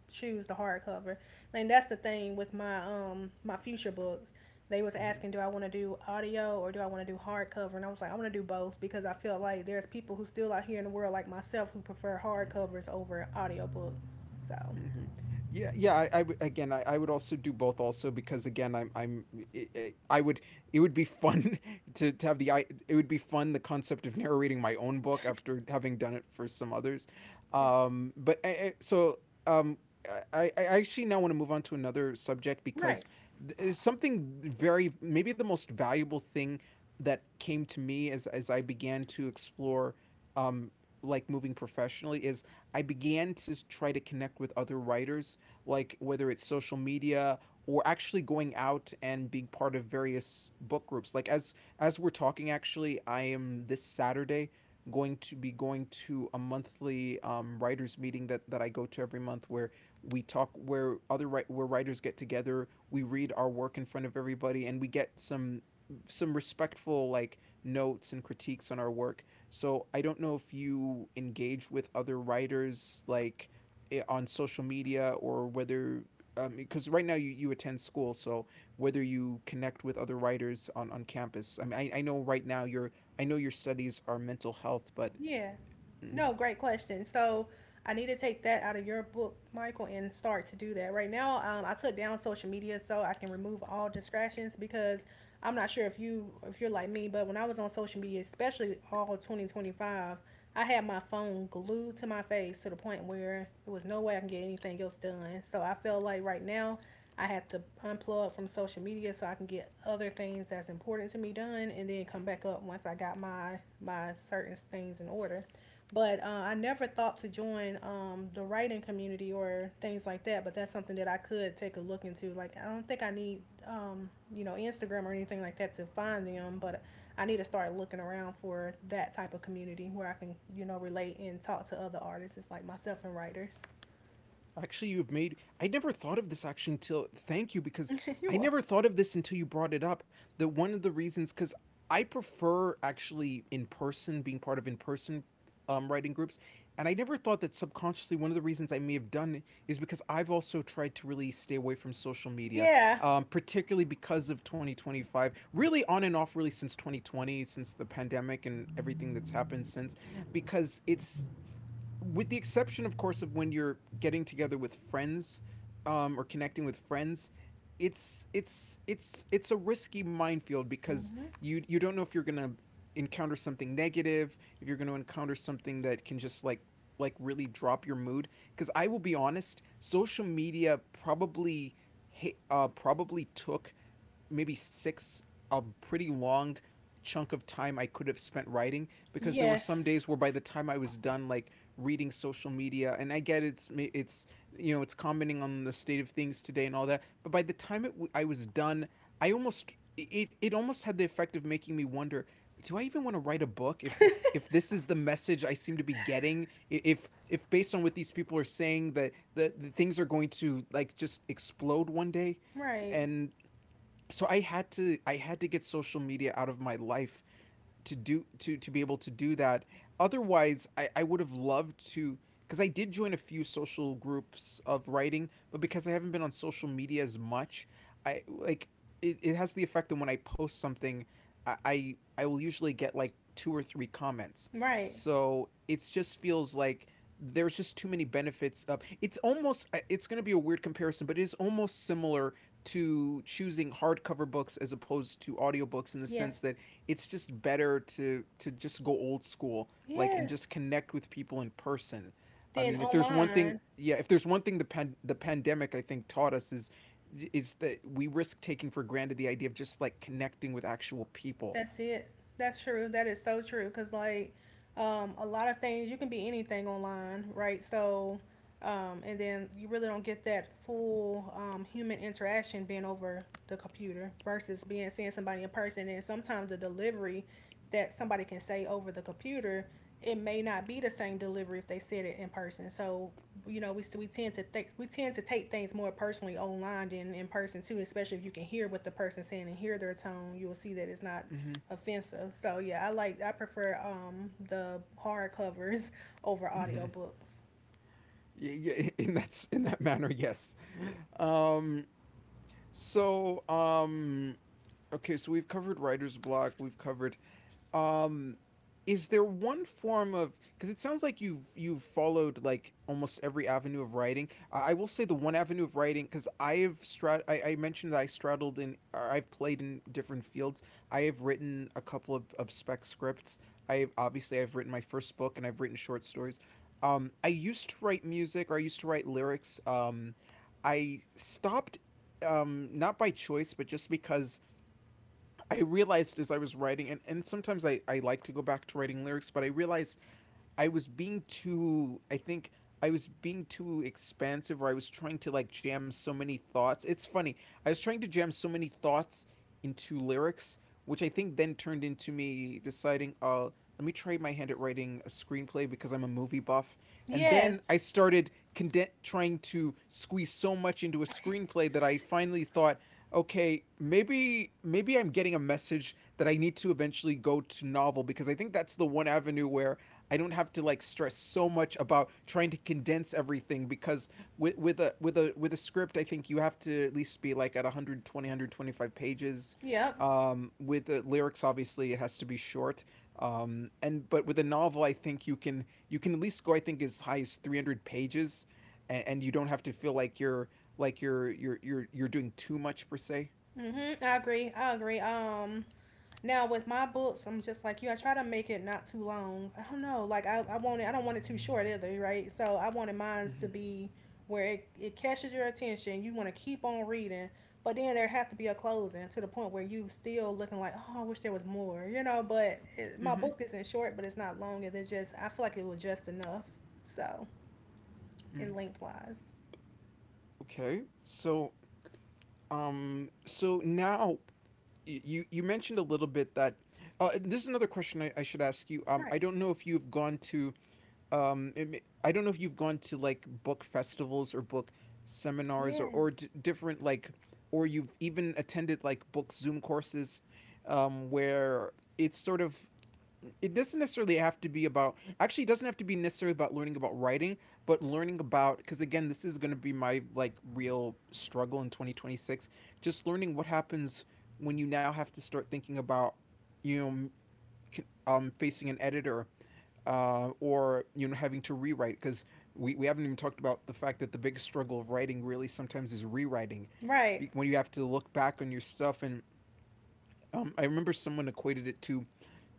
S2: choose the hardcover, and that's the thing with my future books. They was asking,
S1: Hmm.
S2: do I want to do audio or do I want to do hardcover? And I was like, I want to do both because I feel like there's people who still out here in the world like myself who prefer
S1: Hmm.
S2: hardcovers over audiobooks. So,
S1: Mhm. Yeah, yeah. I would, again, I would also do both, also because, again, I'm, I would. It would be fun to have the. I. It would be fun, the concept of narrating my own book after having done it for some others.
S2: yeah,
S1: But so, um, I actually now want to move on to another subject,
S2: right.
S1: because it's something very, maybe the most valuable thing, that came to me as, I began to explore, um, like moving professionally, is I began to try to connect with other writers, like whether it's social media or actually going out and being part of various book groups. Like as we're talking, actually, I am this Saturday going to be going to a monthly writers meeting that I go to every month where we talk where other wri- where writers get together, we read our work in front of everybody and we get some respectful like notes and critiques on our work. So I don't know if you engage with other writers like on social media, or whether, because right now you attend school, so whether you connect with other writers on campus. I mean, I know right now your I know your studies are mental health, but
S2: Yeah.
S1: mm,
S2: No, great question. So I need to take that out of your book, Michael, and start to do that. Right now, I took down social media so I can remove all distractions because I'm not sure if you're like me, but when I was on social media, especially all 2025, I had my phone glued to my face to the point where there was no way I can get anything else done. So I feel like right now I have to unplug from social media so I can get other things that's important to me done and then come back up once I got my certain things in order. But I never thought to join the writing community or things like that. But that's something that I could take a look into. Like I don't think I need Instagram or anything like that to find them, but I need to start looking around for that type of community where I can, you know, relate and talk to other artists, it's like myself and writers.
S1: Actually, you've made. I never thought of this action till. Thank you, because
S2: You're
S1: I
S2: welcome.
S1: never thought of this until you brought it up. That one of the reasons, because I prefer actually in person, being part of in person writing groups. And I never thought that subconsciously one of the reasons I may have done it is because I've also tried to really stay away from social media,
S2: Yeah.
S1: particularly because of 2025, really on and off, really since 2020, since the pandemic and everything that's happened since, because it's with the exception, of course, of when you're getting together with friends, or connecting with friends, it's a risky minefield because
S2: Hmm.
S1: you don't know if you're gonna encounter something negative, if you're gonna encounter something that can just like really drop your mood. Because I will be honest, social media probably probably took maybe six a pretty long chunk of time I could have spent writing, because there were some
S2: Yes.
S1: days where by the time I was done like reading social media, and I get it's it's commenting on the state of things today and all that, but by the time I was done, it almost had the effect of making me wonder, do I even want to write a book if this is the message I seem to be getting, if based on what these people are saying, that the things are going to like just explode one day,
S2: Right.
S1: and so I had to get social media out of my life to be able to do that. Otherwise, I would have loved to, because I did join a few social groups of writing, but because I haven't been on social media as much, I like it has the effect that when I post something, I will usually get like two or three comments.
S2: Right.
S1: So it just feels like there's just too many benefits of it's going to be a weird comparison, but it is almost similar to choosing hardcover books as opposed to audiobooks, in the
S2: Yeah.
S1: sense that it's just better to just go old school, like, and
S2: Yes.
S1: just connect with people in person. I
S2: Then
S1: mean, if there's one thing
S2: online,
S1: yeah if there's one thing the pandemic I think taught us is that we risk taking for granted the idea of just like connecting with actual people.
S2: that's it. That's true. That is so true. Cause like, a lot of things you can be anything online, right? So um, and then you really don't get that full human interaction being over the computer versus being seeing somebody in person. And sometimes the delivery that somebody can say over the computer, it may not be the same delivery if they said it in person. So we tend to take things more personally online than in person too. Especially if you can hear what the person's saying and hear their tone, you will see that it's not
S1: Mm-hmm.
S2: offensive. So yeah, I prefer the hard covers over
S1: Mm-hmm.
S2: audiobooks.
S1: Yeah, yeah, in that manner, yes.
S2: Yeah.
S1: Um so um okay, so we've covered writer's block, we've covered Um, is there one form of, because it sounds like you've followed like almost every avenue of writing. I will say the one avenue of writing, because I mentioned that I straddled in, or I've played in different fields. I have written a couple of spec scripts. I obviously I've written my first book, and I've written short stories. I used to write music, or I used to write lyrics. I stopped, not by choice but just because I realized, as I was writing, and sometimes I like to go back to writing lyrics, but I realized I was being too I think I was being too expansive, or I was trying to like jam so many thoughts. It's funny. I was trying to jam so many thoughts into lyrics, which I think then turned into me deciding, let me try my hand at writing a screenplay because I'm a movie buff. And then
S2: Yes.
S1: I started trying to squeeze so much into a screenplay that I finally thought, okay, maybe I'm getting a message that I need to eventually go to novel, because I think that's the one avenue where I don't have to like stress so much about trying to condense everything, because with a script I think you have to at least be like at 120 125 pages.
S2: Yep.
S1: With the lyrics, obviously, it has to be short. Um and but with a novel, I think you can, at least go, I think, as high as 300 pages, and you don't have to feel like you're doing too much per se.
S2: Mhm. I agree. I agree. Um, now with my books, I'm just like you. I try to make it not too long. I don't know. Like I want it. I don't want it too short either, right? So I wanted mine to be where it catches your attention. You want to keep on reading, but then there have to be a closing to the point where you still looking like, oh, I wish there was more, you know. But it,
S1: Mm-hmm.
S2: my
S1: Mm-hmm.
S2: book isn't short, but it's not long. It's just I feel like it was just enough. So in lengthwise.
S1: Okay, so now, you mentioned a little bit that, and this is another question I should ask you.
S2: Right.
S1: I don't know if you've gone to, I don't know if you've gone to like book festivals or book seminars, or
S2: Yes.
S1: or d- different, like, or you've even attended like book Zoom courses, where it's sort of, it doesn't necessarily have to be about, actually it doesn't have to be necessarily about learning about writing, but learning about, because again this is going to be my like real struggle in 2026, just learning what happens when you now have to start thinking about, you know, facing an editor, or, you know, having to rewrite, because we haven't even talked about the fact that the biggest struggle of writing really sometimes is rewriting,
S2: Right.
S1: when you have to look back on your stuff. And, I remember someone equated it to,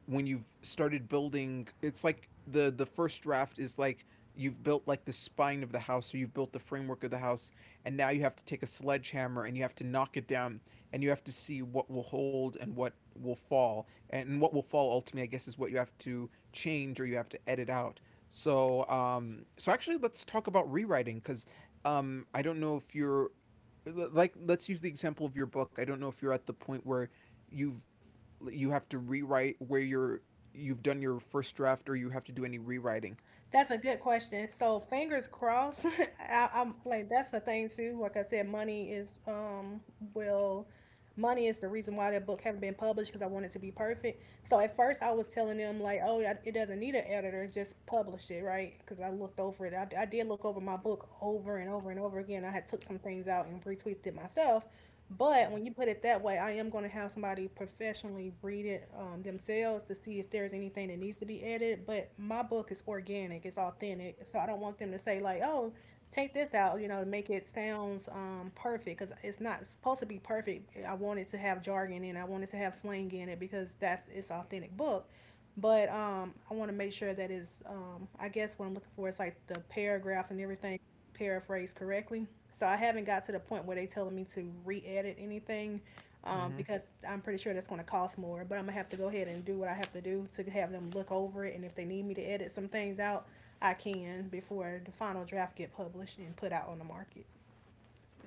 S1: when you've started building, it's like the first draft is like you've built like the spine of the house, or you've built the framework of the house, and now you have to take a sledgehammer and you have to knock it down, and you have to see what will hold and what will fall, and what will fall ultimately, I guess, is what you have to change or you have to edit out. So actually, let's talk about rewriting because, I don't know if you're like let's use the example of your book. I don't know if you're at the point where you've you have to rewrite, where you've done your first draft, or you have to do any rewriting.
S2: That's a good question. So fingers crossed. I'm like that's the thing too. Like I said, will money is the reason why that book haven't been published because I want it to be perfect. So at first I was telling them like, oh, yeah, it doesn't need an editor, just publish it, right? Because I looked over it. I did look over my book over and over and over again. I had took some things out and retweeted it myself, but when you put it that way, I am going to have somebody professionally read it themselves to see if there's anything that needs to be added. But my book is organic, it's authentic, so I don't want them to say like, "Oh, take this out," you know, to make it sounds perfect because it's not supposed to be perfect. I want it to have jargon in, it. I want it to have slang in it because that's its authentic book. But I want to make sure that it's, I guess what I'm looking for is like the paragraph and everything paraphrase correctly. So I haven't got to the point where they are telling me to re-edit anything
S1: Mm-hmm.
S2: because I'm pretty sure that's going to cost more. But I'm gonna have to go ahead and do what I have to do to have them look over it, and if they need me to edit some things out, I can before the final draft get published and put out on the market.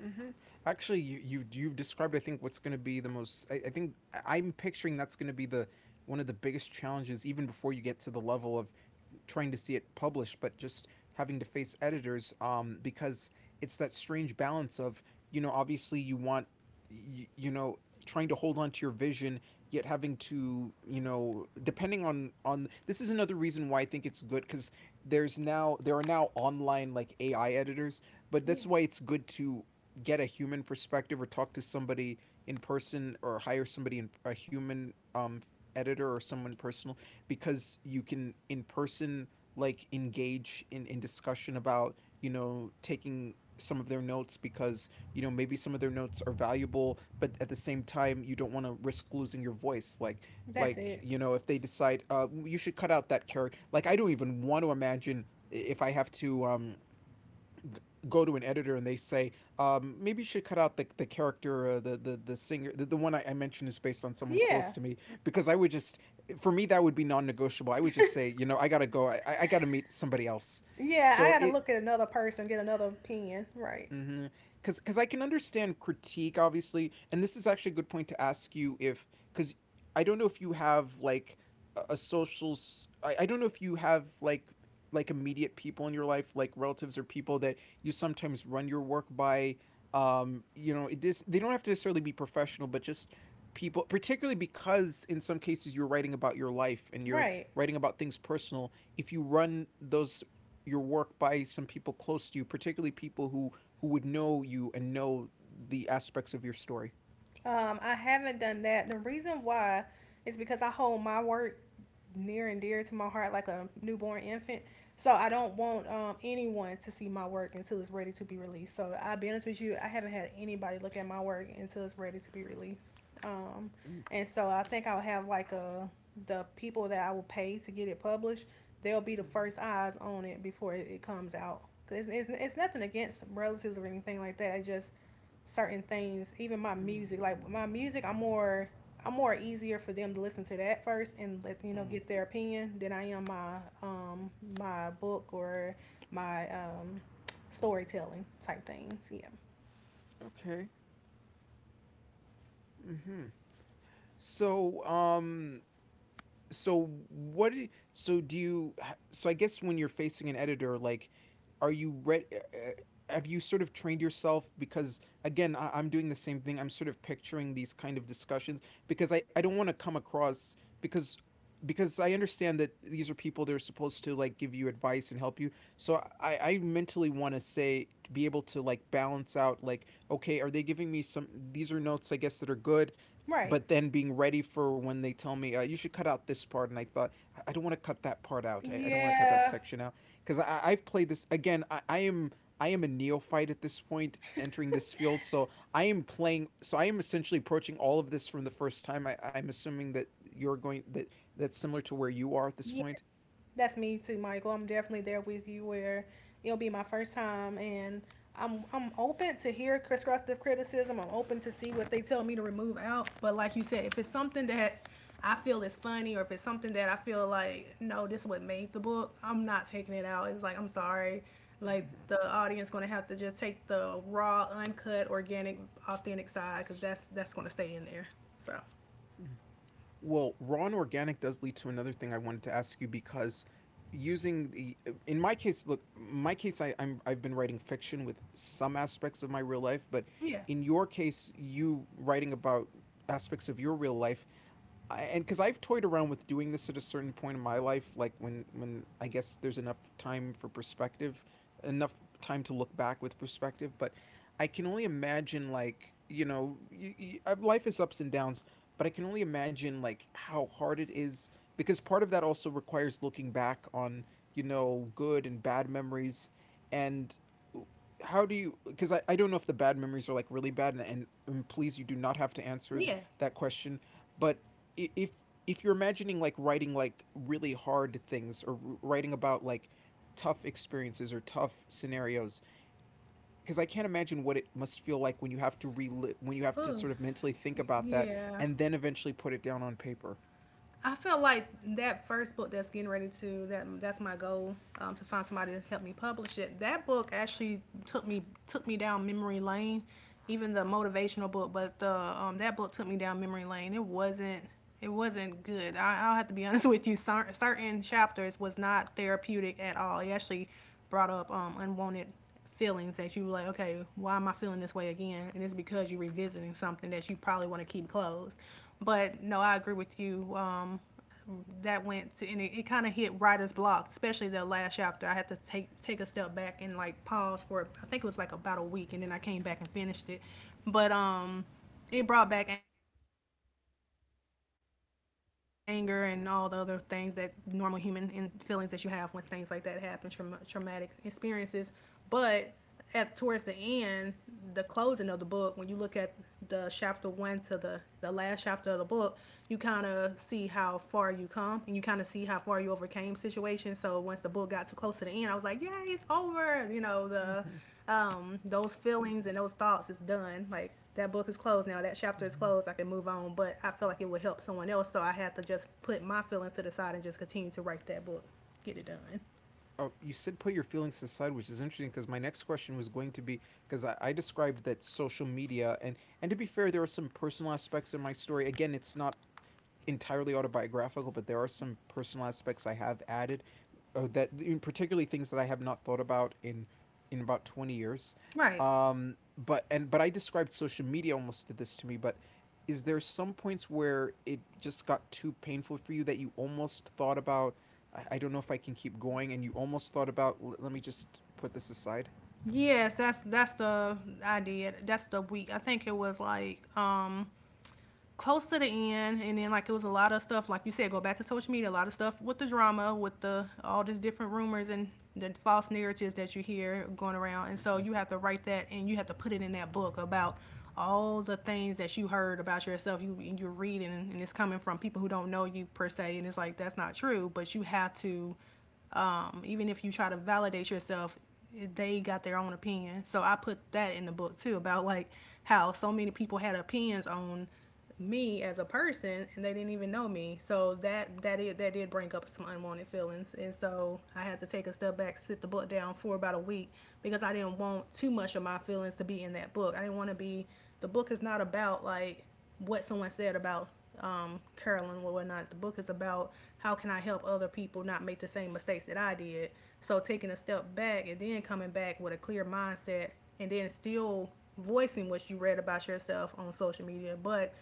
S1: Mm-hmm. Actually, you've described, I think, what's going to be the most, I think I'm picturing, that's going to be the one of the biggest challenges, even before you get to the level of trying to see it published, but just having to face editors, because it's that strange balance of, you know, obviously you want, you know, trying to hold on to your vision, yet having to, you know, depending on this. Is another reason why I think it's good, because there are now online like AI editors, but
S2: Yeah,
S1: that's why it's good to get a human perspective, or talk to somebody in person, or hire somebody, in a human editor or someone personal, because you can, in person, like engage in discussion about, you know, taking some of their notes, because you know maybe some of their notes are valuable, but at the same time you don't want to risk losing your voice, like
S2: that's
S1: like
S2: it.
S1: you know, if they decide, uh, you should cut out that character. Like, I don't even want to imagine if I have to, go to an editor and they say, maybe you should cut out the character, the singer, the one I mentioned, is based on someone close
S2: Yeah,
S1: to me, because I would just, for me, that would be non negotiable. I would just say, you know, I got to go, I got to meet somebody else.
S2: yeah. I
S1: So
S2: got to
S1: it,
S2: look at another person, get another opinion. Right,
S1: Mm-hmm. Cause I can understand critique, obviously, and this is actually a good point to ask you if, cause I don't know if you have like a social, I don't know if you have like immediate people in your life, like relatives or people that you sometimes run your work by. You know, it is, they don't have to necessarily be professional, but just people, particularly because in some cases you're writing about your life, and you're
S2: right.
S1: writing about things personal. If you run those your work by some people close to you, particularly people who would know you and know the aspects of your story.
S2: I haven't done that. The reason why is because I hold my work near and dear to my heart like a newborn infant. So I don't want anyone to see my work until it's ready to be released. So I'll be honest with you, I haven't had anybody look at my work until it's ready to be released. Um,
S1: Mm.
S2: and so I think I'll have like a the people that I will pay to get it published. They'll be the first eyes on it before it comes out. 'Cause it's nothing against relatives or anything like that. I just certain things, even my
S1: Mm.
S2: music. Like my music, I'm more easier for them to listen to that first and let you know
S1: Mm.
S2: get their opinion than I am my my book or my storytelling type things. Yeah.
S1: Okay. Mm-hmm. So, so I guess when you're facing an editor, like, are you ready? Have you sort of trained yourself, because again I'm doing the same thing, I'm sort of picturing these kind of discussions, because I don't want to come across, because because I understand that these are people that are supposed to like give you advice and help you. So I mentally want to say, to be able to like balance out like, okay, are they giving me some, these are notes I guess that are good,
S2: Right.
S1: but then being ready for when they tell me, you should cut out this part, and I thought, I don't want to cut that part out. I don't want to cut that
S2: Yeah.
S1: section out, because I have played this. Again, I am a neophyte at this point entering this field, so I am essentially approaching all of this from the first time. I'm assuming that you're going that that's similar to where you are at this
S2: Yeah.
S1: point.
S2: That's me too, Michael. I'm definitely there with you where it'll be my first time and I'm open to hear constructive criticism. I'm open to see what they tell me to remove out. But like you said, if it's something that I feel is funny or if it's something that I feel like no, this is what made the book, I'm not taking it out. It's like I'm sorry. Like
S1: Mhm.
S2: the audience gonna have to just take the raw, uncut, organic, authentic side because that's gonna stay in there. So
S1: Well, raw and organic does lead to another thing I wanted to ask you, because using the in my case, I've been writing fiction with some aspects of my real life, but
S2: yeah,
S1: in your case, you writing about aspects of your real life. And because I've toyed around with doing this at a certain point in my life, like when I guess there's enough time for perspective, enough time to look back with perspective. But I can only imagine, like, y y life is ups and downs, but I can only imagine like how hard it is, because part of that also requires looking back on good and bad memories, and w- how do you? Because I don't know if the bad memories are like really bad, and please, you do not have to answer
S2: yeah,
S1: that question, but i- if if you're imagining like writing like really hard things, or writing about like tough experiences or tough scenarios, because I can't imagine what it must feel like when you have to relive, when you have to
S2: ugh,
S1: sort of mentally think about that
S2: yeah.
S1: and then eventually put it down on paper.
S2: I felt like that first book that's getting ready to that's my goal to find somebody to help me publish it. That book actually took me down memory lane, even the motivational book. But the that book took me down memory lane. It wasn't good. I'll have to be honest with you. Certain chapters was not therapeutic at all. It actually brought up unwanted feelings that you were like, okay, why am I feeling this way again? And it's because you're revisiting something that you probably want to keep closed. But no, I agree with you. That went to, and it kind of hit writer's block, especially the last chapter. I had to take a step back and like pause for I think it was like about a week, and then I came back and finished it. But it brought back anger and all the other things that normal human and feelings that you have when things like that happen, trauma, traumatic experiences. But at towards the end, the closing of the book, when you look at the chapter one to the last chapter of the book, you kind of see how far you come and you kind of see how far you overcame situations. So once the book got too close to the end, I was like, yeah, it's over. You know the
S1: Mm-hmm.
S2: those feelings and those thoughts is done. Like that book is closed now. That chapter is closed. I can move
S1: Mm-hmm.
S2: on, but I feel like it would help someone else. So I had to just put my feelings to the side and just continue to write that book, get it done.
S1: Oh, you said put your feelings aside, which is interesting, because my next question was going to be, because I described that social media and to be fair, there are some personal aspects in my story. Again, it's not entirely autobiographical, but there are some personal aspects I have added, that, in particularly things that I have not thought about in about 20 years.
S2: Right.
S1: But I described social media almost did this to me. But is there some points where it just got too painful for you, that you almost thought about, I don't know if I can keep going, and you almost thought about, Let me just put this aside.
S2: Yes, that's the idea. That's the week. I think it was like close to the end and then like it was a lot of stuff like you said go back to social media, a lot of stuff with the drama with the all these different rumors and the false narratives that you hear going around, and so you
S1: Mm-hmm.
S2: have to write that and you have to put it in that book about all the things that you heard about yourself, you and you're reading and it's coming from people who don't know you per se, and it's like that's not true but you have to, even if you try to validate yourself, they got their own opinion, so I put that in the book too about like how so many people had opinions on me as a person and they didn't even know me, so that did bring up some unwanted feelings, and so I had to take a step back, sit the book down for about a week, because I didn't want too much of my feelings to be in that book. I didn't want to be, the book is not about like what someone said about Carolyn or whatnot. The book is about how can I help other people not make the same mistakes that I did. So taking a step back and then coming back with a clear mindset and then still voicing what you read about yourself on social media, but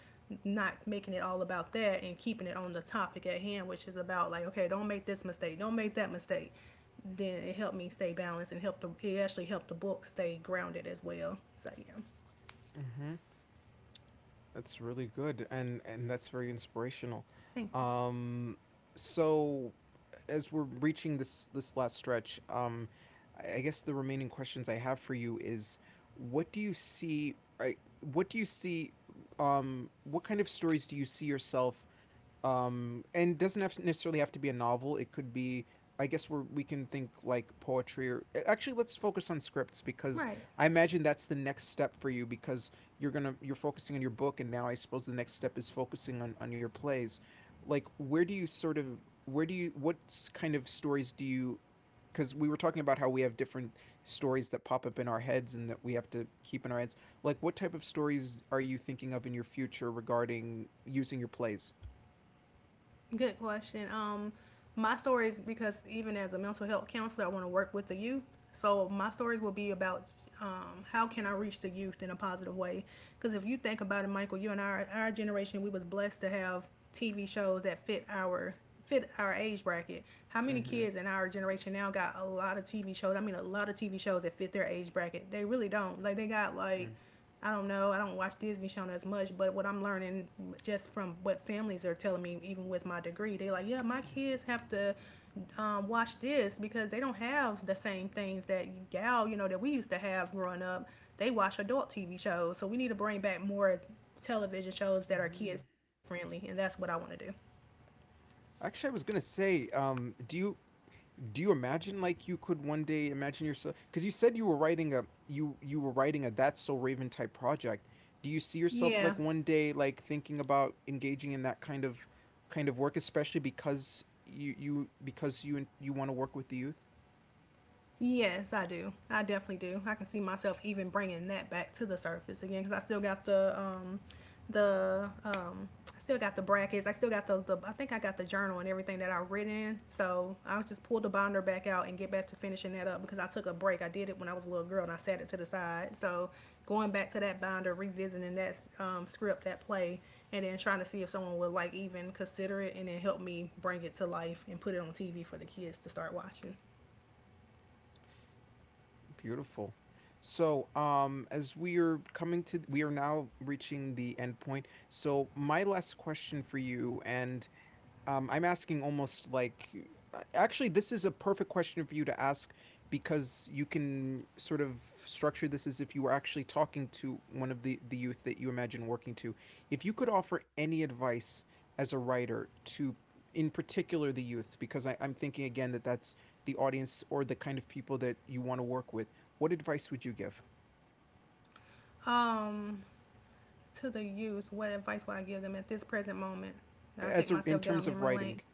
S2: not making it all about that and keeping it on the topic at hand, which is about like, okay, don't make this mistake, don't make that mistake. Then it helped me stay balanced and helped the it actually helped the book stay grounded as well. So yeah.
S1: Mm-hmm. That's really good, and that's very inspirational.
S2: Thank
S1: Um so, as we're reaching this last stretch, I guess the remaining questions I have for you is, what do you see I what do you see, what kind of stories do you see yourself, and doesn't have necessarily have to be a novel, it could be, I guess, we can think like poetry. Or actually, let's focus on scripts, because
S2: right.
S1: I imagine that's the next step for you, because you're focusing on your book, and now I suppose the next step is focusing on your plays. Like, where do you what s- kind of stories do you, because we were talking about how we have different stories that pop up in our heads and that we have to keep in our heads. Like, what type of stories are you thinking of in your future regarding using your plays?
S2: Good question. My stories, because even as a mental health counselor, I want to work with the youth. So my stories will be about how can I reach the youth in a positive way? Because if you think about it, Michael, you and our generation, we was blessed to have TV shows that fit our age bracket. How many
S1: Hmm.
S2: kids in our generation now got a lot of TV shows? I mean, a lot of TV shows that fit their age bracket. They really don't. Like they got like I don't know. I don't watch Disney Channel as much, but what I'm learning just from what families are telling me, even with my degree, they like, yeah, my
S1: Mm-hmm.
S2: kids have to watch this because they don't have the same things that y'all, you know, that we used to have growing up. They watch adult TV shows, so we need to bring back more television shows that are kid friendly, and that's what I want to do.
S1: Actually, I was gonna say, do you imagine, like, you could one day imagine yourself? Because you said you were writing a That's So Raven type project. Do you see
S2: Yeah.
S1: yourself like one day like thinking about engaging in that kind of work, especially because you want to work with the youth?
S2: Yes, I do. I definitely do. I can see myself even bringing that back to the surface again because I still got the I still got the brackets. I still got the I think I got the journal and everything that I read in. So I was just pull the binder back out and get back to finishing that up because I took a break. I did it when I was a little girl and I set it to the side. So going back to that binder, revisiting that script, that play, and then trying to see if someone would like even consider it and then help me bring it to life and put it on TV for the kids to start watching.
S1: Beautiful. So, as we are coming to, we are now reaching the end point. So, my last question for you, and I'm asking almost like, actually, this is a perfect question for you to ask, because you can sort of structure this as if you were actually talking to one of the youth that you imagine working to. If you could offer any advice as a writer to, in particular, the youth, because I'm thinking again that that's the audience or the kind of people that you want to work with, what advice would you give?
S2: Um, to the youth, what advice would I give them at this present moment? Now, I take myself
S1: In
S2: down
S1: terms
S2: memory
S1: of
S2: lane.
S1: writing,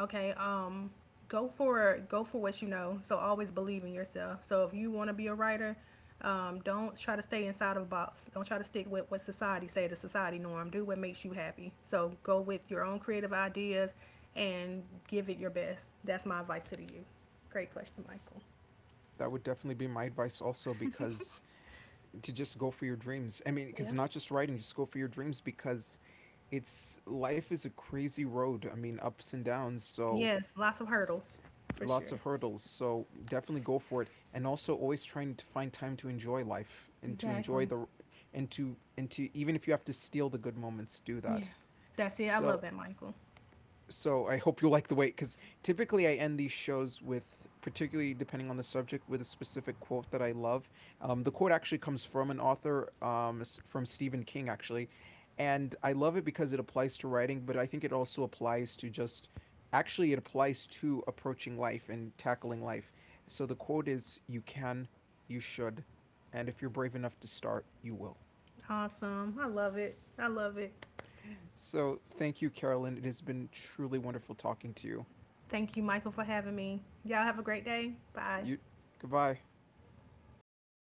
S2: Okay, go for what you know. So always believe in yourself. So if you want to be a writer, don't try to stay inside of a box. Don't try to stick with what society say the society norm. Do what makes you happy. So go with your own creative ideas and give it your best. That's my advice to the youth. Great question, Michael.
S1: that would definitely be my advice also, because to just go for your dreams. I mean, because not
S2: Yeah.
S1: just writing, just go for your dreams, because it's life is a crazy road. I mean, ups and downs, so
S2: Yes, lots of hurdles
S1: lots
S2: for
S1: of
S2: sure.
S1: hurdles. So definitely go for it, and also always trying to find time to enjoy life and to enjoy the
S2: Exactly.
S1: and to even if you have to steal the good moments, do that.
S2: Yeah. That's
S1: So
S2: it. I love that, Michael.
S1: so I hope you'll like the wait, because typically I end these shows with, particularly depending on the subject, with a specific quote that I love. The quote actually comes from an author, from Stephen King, actually. And I love it because it applies to writing, but I think it also applies to actually, it applies to approaching life and tackling life. So the quote is, you can, you should, and if you're brave enough to start, you will.
S2: Awesome. I love it. I love it.
S1: So thank you, Carolyn. It has been truly wonderful talking to you.
S2: Thank you, Michael, for having me. Y'all have a great day.
S1: You,
S2: Bye.
S1: Goodbye.